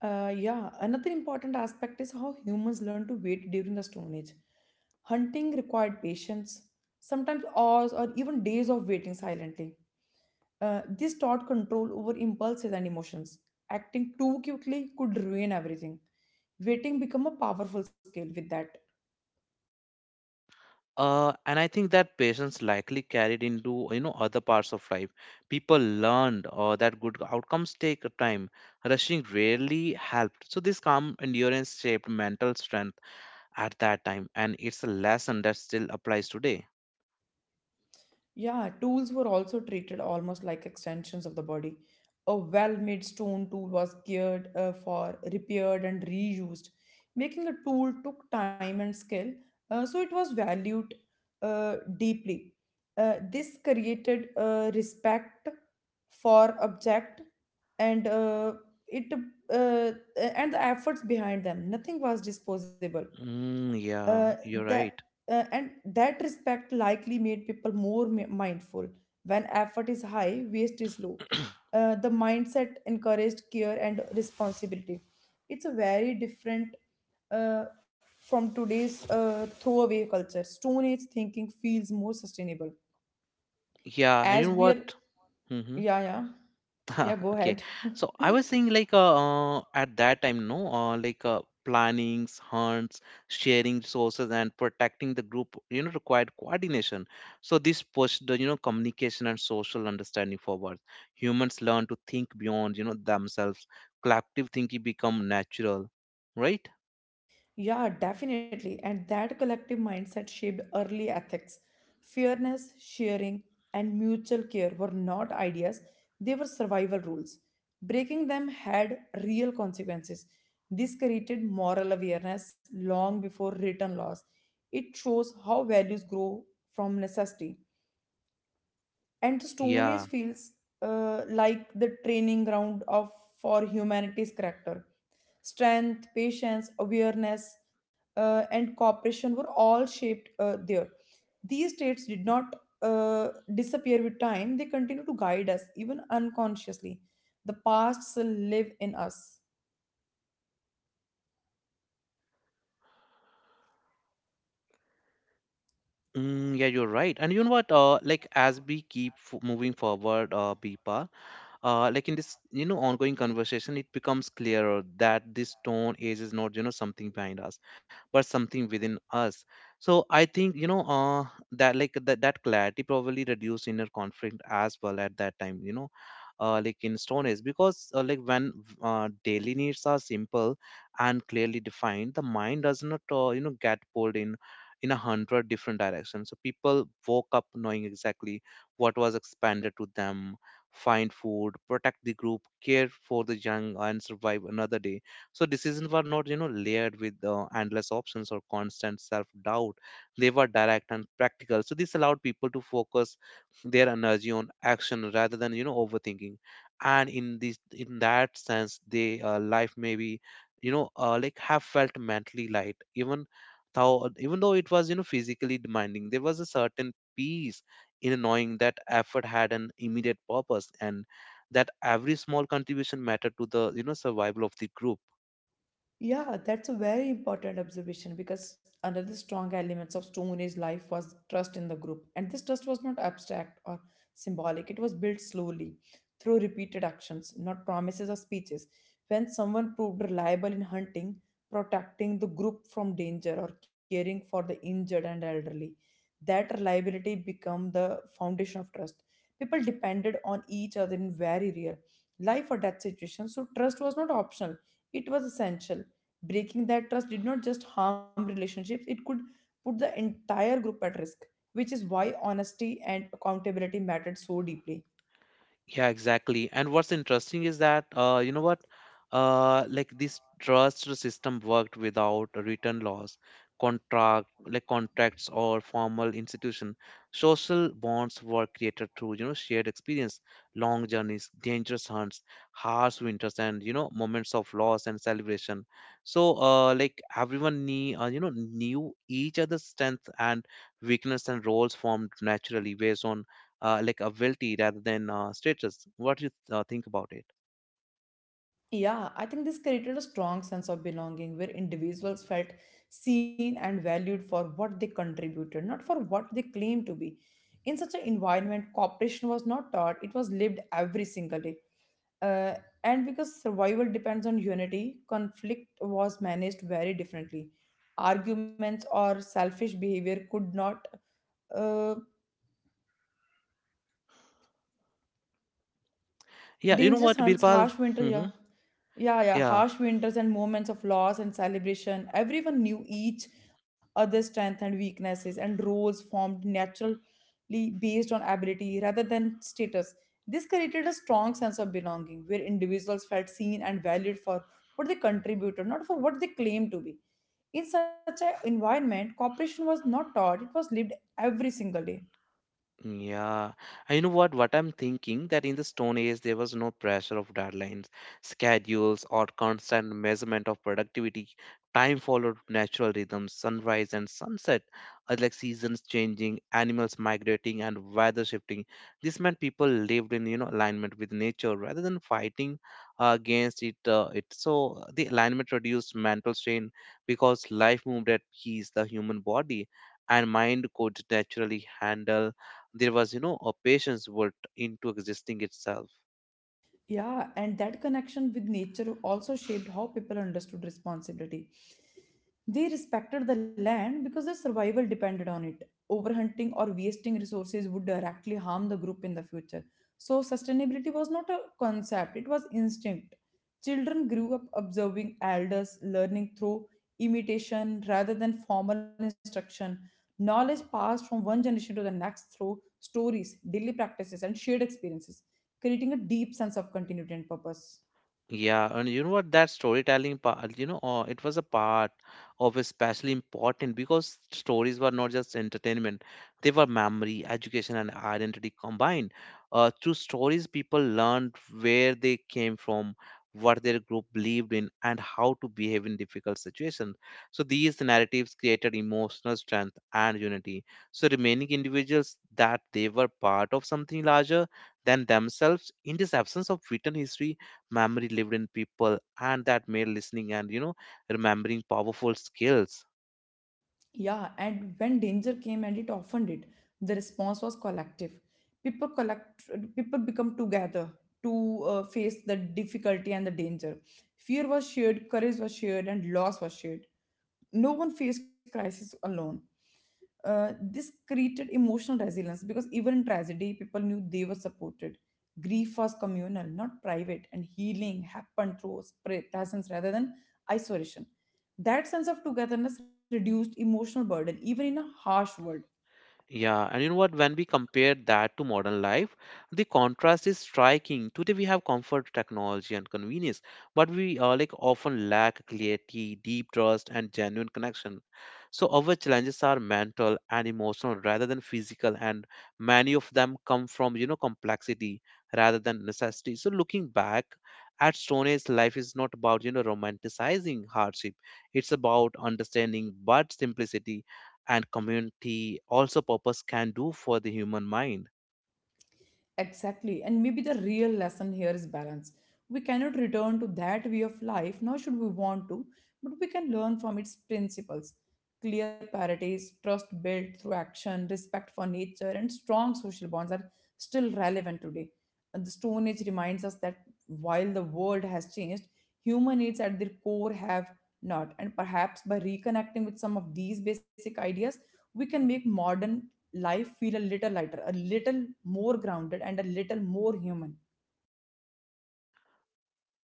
B: Uh, yeah, another important aspect is how humans learn to wait during the Stone Age. Hunting required patience, sometimes hours or even days of waiting silently. Uh, this taught control over impulses and emotions. Acting too quickly could ruin everything. Waiting became a powerful skill with that.
A: Uh, and I think that patience likely carried into you know other parts of life. People learned uh, that good outcomes take time. Rushing rarely helped. So this calm endurance shaped mental strength at that time, and it's a lesson that still applies today.
B: Yeah, tools were also treated almost like extensions of the body. A well made stone tool was geared uh, for repaired and reused. Making a tool took time and skill, uh, so it was valued uh, deeply. Uh, this created uh, respect for object and uh, it uh, and the efforts behind them. Nothing was disposable.
A: Mm,
B: uh,
A: yeah, you're
B: the
A: right.
B: uh, and that respect likely made people more mi- mindful. When effort is high, waste is low. Uh, the mindset encouraged care and responsibility. It's a very different uh, from today's uh, throwaway culture. Stone Age thinking feels more sustainable.
A: Yeah, and you
B: As
A: know
B: we are,
A: what? Mm-hmm.
B: yeah, yeah, yeah, go
A: Okay,
B: ahead.
A: so I was saying, like uh, uh at that time, no, uh, like uh plannings, hunts, sharing resources, and protecting the group, you know required coordination. So this pushed the, you know communication and social understanding forward. Humans learn to think beyond, you know themselves. Collective thinking become natural, right?
B: Yeah, definitely. And that collective mindset shaped early ethics. Fairness, sharing, and mutual care were not ideas, they were survival rules. Breaking them had real consequences. This created moral awareness long before written laws. It shows how values grow from necessity, and the stone age
A: Yeah.
B: feels uh, like the training ground of for humanity's character. Strength, patience, awareness, uh, and cooperation were all shaped uh, there. These traits did not uh, disappear with time. They continue to guide us even unconsciously. The past still live in us.
A: Mm, yeah, you're right. And you know what? Uh, like as we keep f moving forward, uh, Bipa, uh, like in this, you know ongoing conversation, it becomes clearer that this stone age is not, you know something behind us, but something within us. So I think, you know uh, that like that, that clarity probably reduced inner conflict as well at that time, you know uh, like in stone age, because uh, like when uh, daily needs are simple and clearly defined, the mind does not, uh, you know get pulled in in a hundred different directions. So people woke up knowing exactly what was expanded to them: find food, protect the group, care for the young, and survive another day. So decisions were not, you know, layered with uh, endless options or constant self-doubt. They were direct and practical. So this allowed people to focus their energy on action rather than, you know, overthinking. And in this, in that sense, they uh, life maybe, you know, uh, like have felt mentally light, even though even though it was, you know, physically demanding. There was a certain peace in knowing that effort had an immediate purpose, and that every small contribution mattered to the, you know survival of the group.
B: Yeah, that's a very important observation because another strong elements of Stone Age life was trust in the group. And this trust was not abstract or symbolic. It was built slowly through repeated actions, not promises or speeches. When someone proved reliable in hunting, protecting the group from danger, or caring for the injured and elderly, that reliability became the foundation of trust. People depended on each other in very real life or death situations, so trust was not optional, it was essential. Breaking that trust did not just harm relationships, it could put the entire group at risk, which is why honesty and accountability mattered so deeply.
A: Yeah, exactly. And what's interesting is that, uh, you know what, uh, like this trust system worked without written laws, contract, like contracts, or formal institution. Social bonds were created through, you know shared experience, long journeys, dangerous hunts, harsh winters, and, you know moments of loss and celebration. So uh, like everyone knew, uh, you know knew each other's strength and weakness, and roles formed naturally based on uh, like a wealthy rather than uh, status. What do you uh, think about it?
B: Yeah, I think this created a strong sense of belonging where individuals felt seen and valued for what they contributed, not for what they claimed to be. In such an environment, cooperation was not taught, it was lived every single day. Uh, and because survival depends on unity, conflict was managed very differently. Arguments or selfish behavior could not uh,
A: Yeah, you know
B: Dangerous
A: what,
B: hunts,
A: Birpal?
B: harsh winter,
A: Hmm.
B: yeah. Yeah, yeah,
A: Yeah.
B: harsh winters and moments of loss and celebration. Everyone knew each other's strengths and weaknesses, and roles formed naturally based on ability rather than status. This created a strong sense of belonging where individuals felt seen and valued for what they contributed, not for what they claimed to be. In such an environment, cooperation was not taught, it was lived every single day.
A: Yeah, and you know what? What I'm thinking that in the Stone Age there was no pressure of deadlines, schedules, or constant measurement of productivity. Time followed natural rhythms, sunrise and sunset, uh, like seasons changing, animals migrating, and weather shifting. This meant people lived in, you know alignment with nature rather than fighting uh, against it. Uh, it so uh, the alignment reduced mental strain because life moved at peace. The human body and mind could naturally handle. There was, you know a patience built into existing itself.
B: Yeah, and that connection with nature also shaped how people understood responsibility. They respected the land because their survival depended on it. Overhunting or wasting resources would directly harm the group in the future. So, sustainability was not a concept, it was instinct. Children grew up observing elders, learning through imitation rather than formal instruction. Knowledge passed from one generation to the next through stories, daily practices, and shared experiences, creating a deep sense of continuity and purpose.
A: Yeah, and you know what? That storytelling part, you know, uh, it was a part of especially important, because stories were not just entertainment; they were memory, education, and identity combined. Uh, through stories, people learned where they came from, what their group believed in, and how to behave in difficult situations. So these narratives created emotional strength and unity. So remaining individuals that they were part of something larger than themselves, in this absence of written history, memory lived in people, and that made listening and, you know remembering powerful skills.
B: Yeah, and when danger came, and it often did, the response was collective. People collect, People become together to uh, face the difficulty and the danger. Fear was shared, courage was shared, and loss was shared. No one faced crisis alone. Uh, this created emotional resilience because even in tragedy, people knew they were supported. Grief was communal, not private, and healing happened through spre- presence rather than isolation. That sense of togetherness reduced emotional burden, even in a harsh world.
A: Yeah, and you know what? When we compare that to modern life, the contrast is striking. Today we have comfort, technology, and convenience, but we uh, like often lack clarity, deep trust, and genuine connection. So our challenges are mental and emotional rather than physical, and many of them come from, you know complexity rather than necessity. So looking back at Stone Age, life is not about, you know romanticizing hardship; it's about understanding but simplicity and community, also purpose, can do for the human mind.
B: Exactly. And maybe the real lesson here is balance. We cannot return to that way of life, nor should we want to, but we can learn from its principles: clear priorities, trust built through action, respect for nature, and strong social bonds are still relevant today. And the Stone Age reminds us that while the world has changed, human needs at their core have not. And perhaps by reconnecting with some of these basic ideas, we can make modern life feel a little lighter, a little more grounded, and a little more human.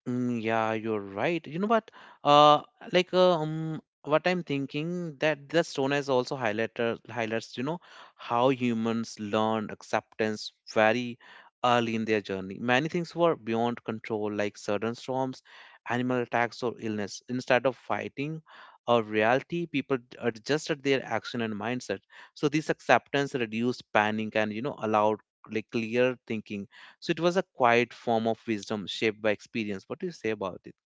A: Mm, yeah, you're right. You know what? Uh, like uh, um, what I'm thinking that the stone has also highlighted highlights. You know how humans learn acceptance very early in their journey. Many things were beyond control, like sudden storms, animal attacks, or illness. Instead of fighting or reality, people d- adjusted their action and mindset. So this acceptance reduced panic, and, you know allowed like clear thinking. So it was a quiet form of wisdom shaped by experience. What do you say about it,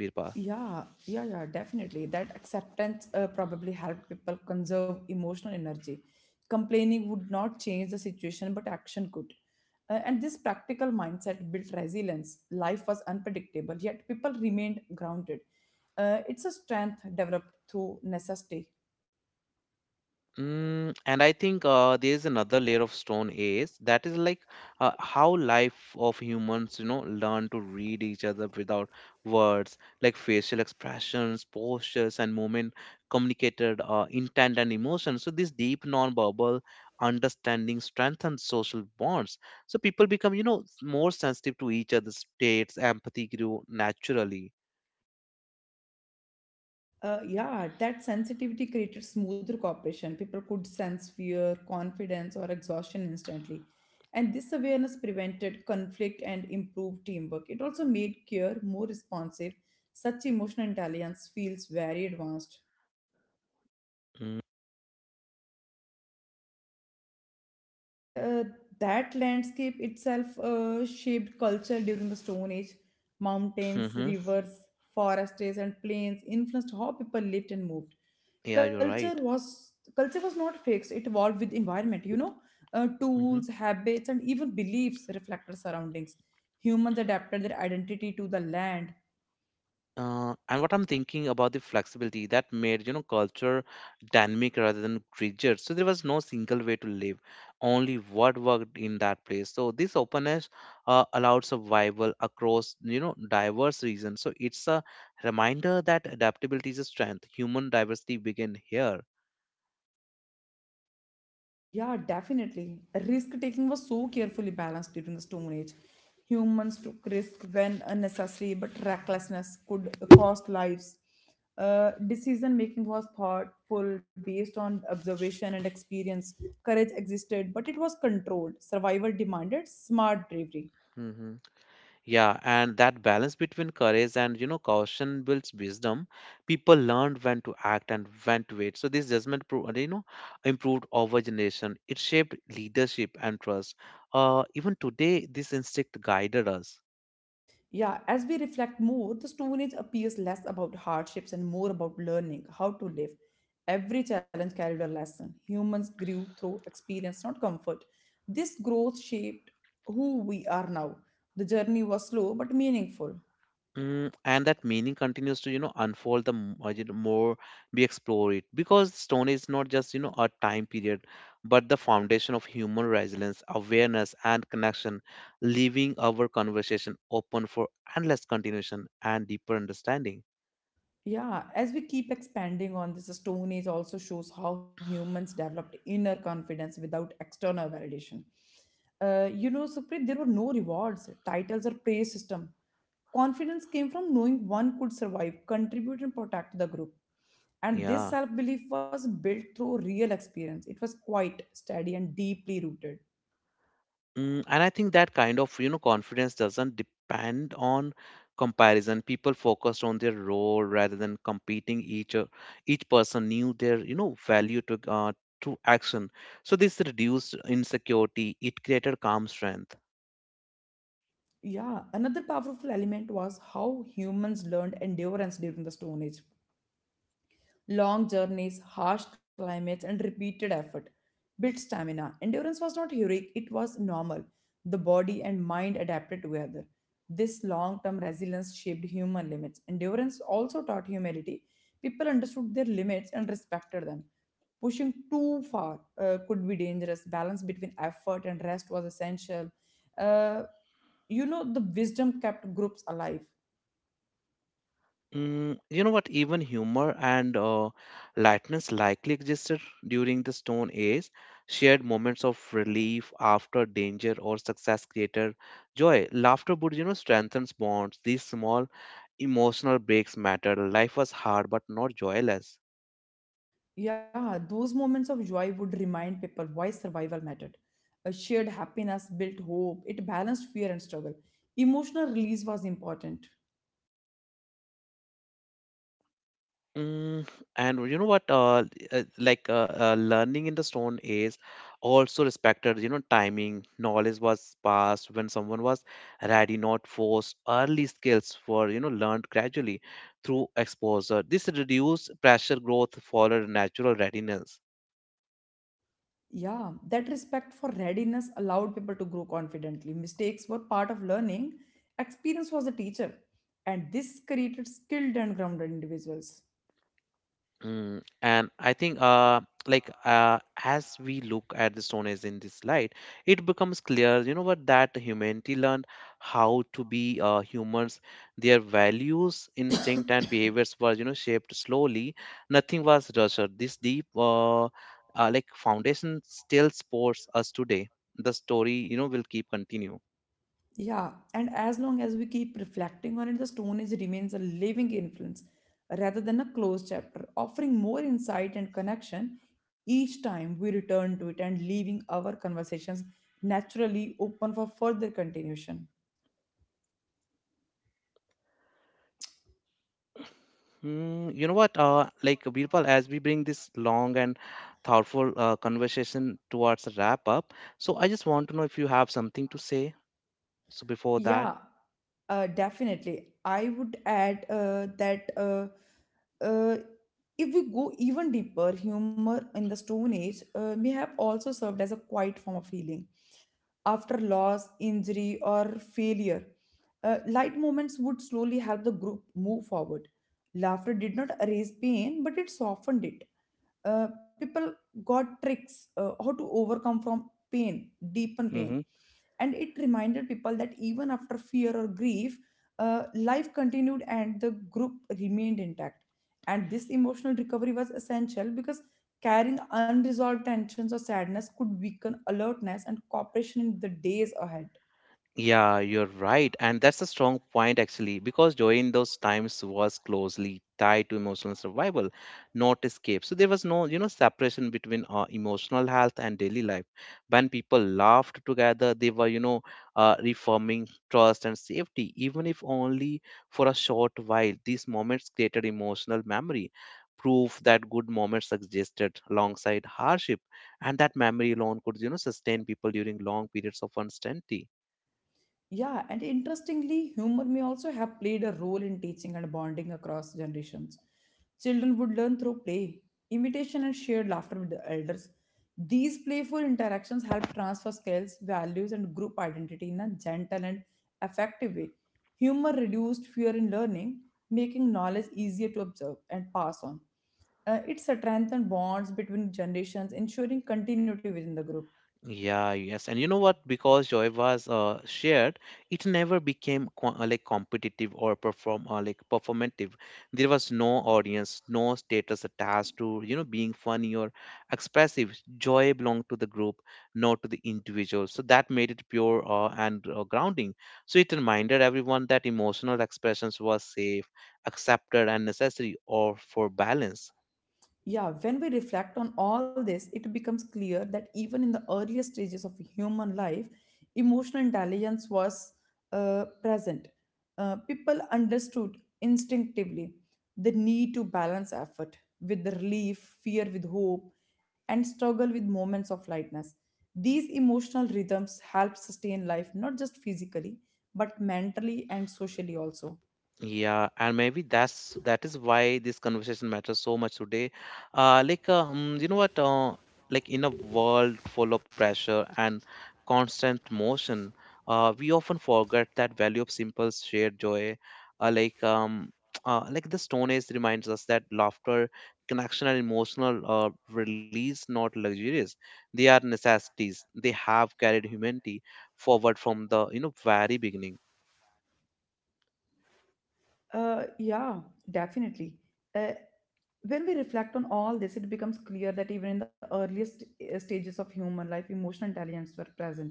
A: Birpa?
B: Yeah, yeah, yeah, definitely. That acceptance uh, probably helped people conserve emotional energy. Complaining would not change the situation, but action could. Uh, and this practical mindset built resilience. Life was unpredictable, yet people remained grounded. Uh, it's a strength developed through necessity.
A: Mm, and I think uh, there's another layer of Stone Age that is like uh, how life of humans, you know, learn to read each other without words, like facial expressions, postures, and movement communicated uh, intent and emotion. So this deep non-verbal understanding strengthens social bonds. So people become, you know, s- more sensitive to each other's states. Empathy grew naturally.
B: Uh, yeah, that sensitivity created smoother cooperation. People could sense fear, confidence, or exhaustion instantly. And this awareness prevented conflict and improved teamwork. It also made care more responsive. Such emotional intelligence feels very advanced. and uh, that landscape itself uh, shaped culture during the stone age. Mountains,
A: Mm-hmm.
B: rivers, forests, and plains influenced how people lived and moved.
A: Yeah, you're
B: culture
A: right.
B: was culture was not fixed, it evolved with environment, you know. Uh,
A: Mm-hmm.
B: tools, habits, and even beliefs reflected surroundings. Humans adapted their identity to the land.
A: Uh, and what I'm thinking about the flexibility that made, you know culture dynamic rather than rigid. So there was no single way to live, only what worked in that place. So this openness uh, allowed survival across, you know diverse regions. So it's a reminder that adaptability is a strength. Human diversity begin here.
B: Yeah, definitely. Risk taking was so carefully balanced during the Stone Age. Humans took risk when unnecessary, but recklessness could cost lives. Uh, decision making was thoughtful, based on observation and experience. Courage existed, but it was controlled. Survival demanded smart bravery.
A: Hmm. Yeah, and that balance between courage and, you know caution builds wisdom. People learned when to act and when to wait. So this judgment, pro- you know, improved over generation. It shaped leadership and trust. Uh, even today, this instinct guided us.
B: Yeah, as we reflect more, the Stone Age appears less about hardships and more about learning how to live. Every challenge carried a lesson. Humans grew through experience, not comfort. This growth shaped who we are now. The journey was slow but meaningful.
A: Mm, and that meaning continues to, you know unfold the m- uh, you know, more we explore it, because stone is not just, you know a time period, but the foundation of human resilience, awareness, and connection, leaving our conversation open for endless continuation and deeper understanding.
B: Yeah, as we keep expanding on this, the Stone Age also shows how humans developed inner confidence without external validation. Uh, you know, Supreet, there were no rewards, titles, or praise system. Confidence came from knowing one could survive, contribute, and protect the group. And this
A: Yeah.
B: self belief was built through real experience. It was quite steady and deeply rooted.
A: Mm, and I think that kind of, you know confidence doesn't depend on comparison. People focused on their role rather than competing. Each o- each person knew their, you know value to uh, to action. So this reduced insecurity. It created calm strength.
B: Yeah, another powerful element was how humans learned endurance during the Stone Age. Long journeys, harsh climates, and repeated effort built stamina. Endurance was not heroic, it was normal. The body and mind adapted together. This long term resilience shaped human limits. Endurance also taught humility. People understood their limits and respected them. Pushing too far uh, could be dangerous. Balance between effort and rest was essential. Uh, you know, the wisdom kept groups alive.
A: Mm, you know what? Even humor and uh, lightness likely existed during the Stone Age. Shared moments of relief after danger or success created joy. Laughter would, you know, strengthen bonds. These small emotional breaks mattered. Life was hard, but not joyless.
B: Yeah, those moments of joy would remind people why survival mattered. A shared happiness built hope, it balanced fear and struggle. Emotional release was important.
A: Mm, and you know what? Uh, uh, like uh, uh, learning in the Stone Age also respected, you know, timing. Knowledge was passed when someone was ready, not forced. Early skills were, you know, learned gradually through exposure. This reduced pressure growth followed natural readiness.
B: Yeah, that respect for readiness allowed people to grow confidently. Mistakes were part of learning, experience was a teacher, and this created skilled and grounded individuals.
A: Mm, and I think, uh, like, uh, as we look at the Stone Age in this light, it becomes clear, you know what, that humanity learned how to be uh, humans. Their values, instinct, and behaviors were, you know, shaped slowly. Nothing was rushed. This deep, uh, uh, like, foundation still supports us today. The story, you know, will keep continue.
B: Yeah, and as long as we keep reflecting on it, the Stone Age remains a living influence rather than a closed chapter, offering more insight and connection each time we return to it, and leaving our conversations naturally open for further continuation.
A: Mm, you know what? Uh, like Birpal, as we bring this long and thoughtful uh, conversation towards a wrap up, so I just want to know if you have something to say. So before that,
B: Yeah, uh, definitely. I would add uh, that uh, uh, if we go even deeper, humor in the Stone Age uh, may have also served as a quiet form of healing. After loss, injury, or failure, uh, light moments would slowly help the group move forward. Laughter did not erase pain, but it softened it. Uh, people got tricks uh, how to overcome from pain, deepen pain,
A: mm-hmm.
B: and it reminded people that even after fear or grief, uh, life continued and the group remained intact. And this emotional recovery was essential because carrying unresolved tensions or sadness could weaken alertness and cooperation in the days ahead.
A: Yeah, you're right. And that's a strong point, actually, because joy in those times was closely tied to emotional survival, not escape. So there was no, you know, separation between uh, emotional health and daily life. When people laughed together, they were, you know, uh, reforming trust and safety, even if only for a short while. These moments created emotional memory, proof that good moments existed alongside hardship, and that memory alone could, you know, sustain people during long periods of uncertainty.
B: Yeah, and interestingly, humor may also have played a role in teaching and bonding across generations. Children would learn through play, imitation, and shared laughter with the elders. These playful interactions help transfer skills, values, and group identity in a gentle and effective way. Humor reduced fear in learning, making knowledge easier to observe and pass on. Uh, it strengthened bonds between generations, ensuring continuity within the group.
A: Yeah, yes. And you know what? Because joy was uh, shared, it never became co- uh, like competitive or perform or like performative. There was no audience, no status attached to, you know, being funny or expressive. Joy belonged to the group, not to the individual. So that made it pure uh, and uh, grounding. So it reminded everyone that emotional expressions was safe, accepted, and necessary or for balance.
B: Yeah, when we reflect on all this, it becomes clear that even in the earliest stages of human life, emotional intelligence was uh, present. Uh, people understood instinctively the need to balance effort with the relief, fear with hope, and struggle with moments of lightness. These emotional rhythms help sustain life not just physically, but mentally and socially also.
A: Yeah, and maybe that's that is why this conversation matters so much today. Uh, like, um, you know what? Uh, like In a world full of pressure and constant motion, uh, we often forget that value of simple shared joy. Uh, like, um, uh, like the Stone Age reminds us that laughter, connection, and emotional uh, release, not luxuries, they are necessities. They have carried humanity forward from the, you know very beginning.
B: Uh, yeah, definitely. Uh, when we reflect on all this, it becomes clear that even in the earliest uh, stages of human life, emotional intelligence were present.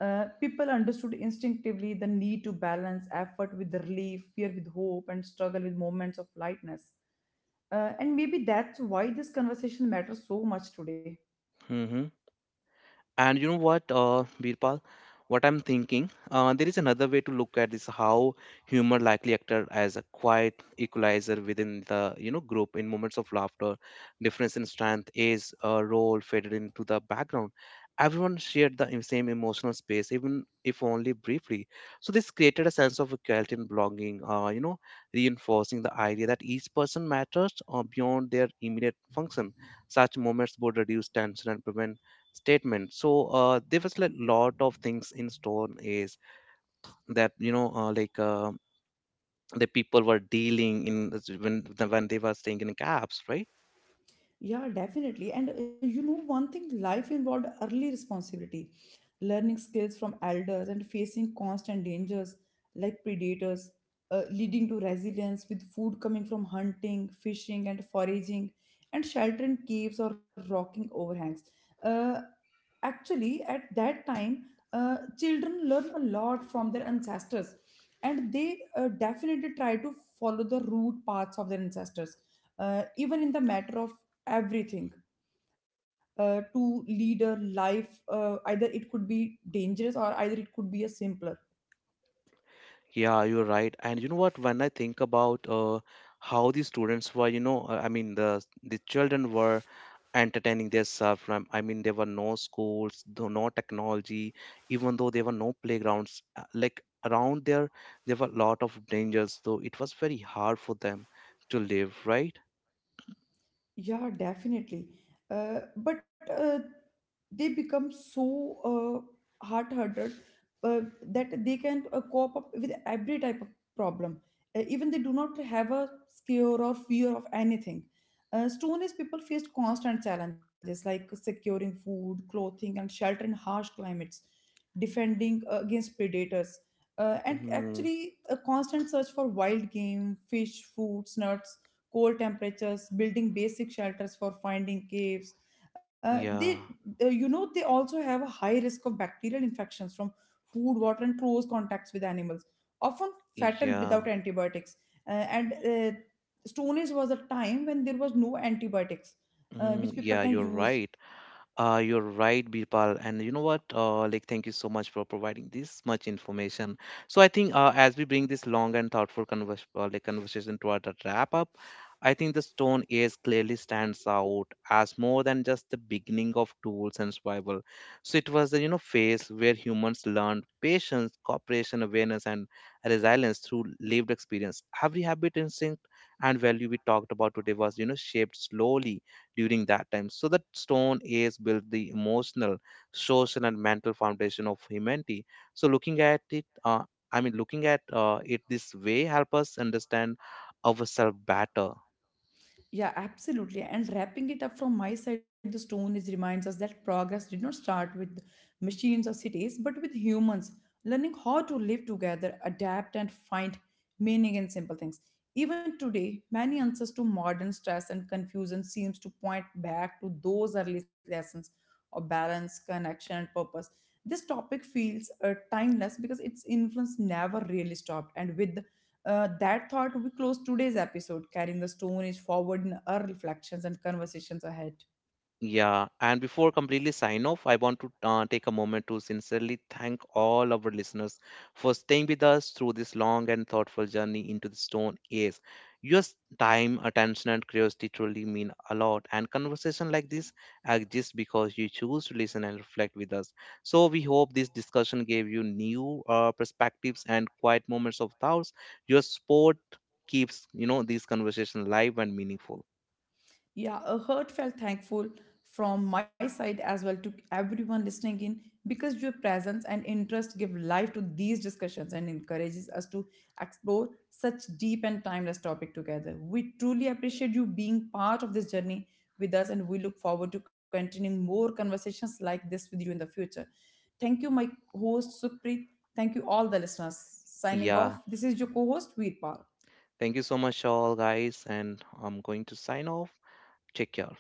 B: Uh, people understood instinctively the need to balance effort with relief, fear with hope, and struggle with moments of lightness. Uh, and maybe that's why this conversation matters so much today.
A: And you know what, uh, Birpal, what I'm thinking, uh, there is another way to look at this: how humor likely acted as a quiet equalizer within the, you know group. In moments of laughter, difference in strength, age, uh, role faded into the background. Everyone shared the same emotional space, even if only briefly. So this created a sense of equality and belonging, Uh, you know, reinforcing the idea that each person matters uh, beyond their immediate function. Such moments would reduce tension and prevent statement. So uh, there was like lot of things in stone is that, you know uh, like uh, the people were dealing in this- when the- when they were staying in cabs, right?
B: Yeah, definitely. And uh, you know, one thing life involved early responsibility, learning skills from elders, and facing constant dangers like predators, uh, leading to resilience, with food coming from hunting, fishing, and foraging, and shelter in caves or rocking overhangs. Uh, Actually, at that time uh, children learn a lot from their ancestors, and they uh, definitely try to follow the root paths of their ancestors uh, even in the matter of everything, uh, to lead a life, uh, either it could be dangerous or either it could be a simpler.
A: Yeah, you're right. And you know what? When I think about uh, how the students were, you know uh, I mean the the children were entertaining themselves from, I mean, there were no schools though, no technology, even though there were no playgrounds, uh, like around there. There were a lot of dangers. Though it was very hard for them to live, right?
B: Yeah, definitely. Uh, but uh, they become so uh, hard-hearted uh, that they can uh, cope up with every type of problem. Uh, even they do not have a scare or fear of anything. Uh, Stone-age people faced constant challenges like securing food, clothing, and shelter in harsh climates, defending uh, against predators, uh, and
A: Mm,
B: actually a constant search for wild game, fish, fruits, nuts, cold temperatures, building basic shelters for finding caves. Uh,
A: yeah,
B: they, uh, you know, they also have a high risk of bacterial infections from food, water, and close contacts with animals, often fatal
A: yeah,
B: without antibiotics. Uh, and uh, Stone Age was a time when there was no antibiotics, uh,
A: mm,
B: which people
A: yeah,
B: can
A: you're
B: use.
A: right. Uh, you're right, Birpal. And you know what? Uh, like, thank you so much for providing this much information. So I think uh, as we bring this long and thoughtful convers uh, like conversation toward a wrap up, I think the Stone Age clearly stands out as more than just the beginning of tools and survival. So it was the, you know phase where humans learned patience, cooperation, awareness, and resilience through lived experience. Every habit, instinct, and value we talked about today was, you know shaped slowly during that time. So that stone age built the emotional, social, and mental foundation of humanity. So looking at it uh, i mean looking at uh, it this way help us understand ourselves better.
B: Yeah, absolutely. And wrapping it up from my side, the stone is reminds us that progress did not start with machines or cities, but with humans learning how to live together, adapt, and find meaning in simple things. Even today, many answers to modern stress and confusion seems to point back to those early lessons of balance, connection, and purpose. This topic feels uh, timeless because its influence never really stopped, and with uh, that thought, we close today's episode, carrying the Stone Age forward in our reflections and conversations ahead.
A: Yeah, and before completely sign off, I want to uh, take a moment to sincerely thank all our listeners for staying with us through this long and thoughtful journey into the stone age. Your s- time, attention, and curiosity truly mean a lot, and conversation like this exist because you choose to listen and reflect with us. So we hope this discussion gave you new uh, perspectives and quiet moments of thoughts. Your support keeps, you know, these conversations live and meaningful.
B: Yeah, a heartfelt thankful from my side as well to everyone listening in, because your presence and interest give life to these discussions and encourages us to explore such deep and timeless topic together. We truly appreciate you being part of this journey with us, and we look forward to continuing more conversations like this with you in the future. Thank you, my host Supreet. Thank you, all the listeners. Signing off,
A: Yeah,
B: this is your co host Veerpal.
A: thank you so much, all guys, and I'm going to sign off. Take care.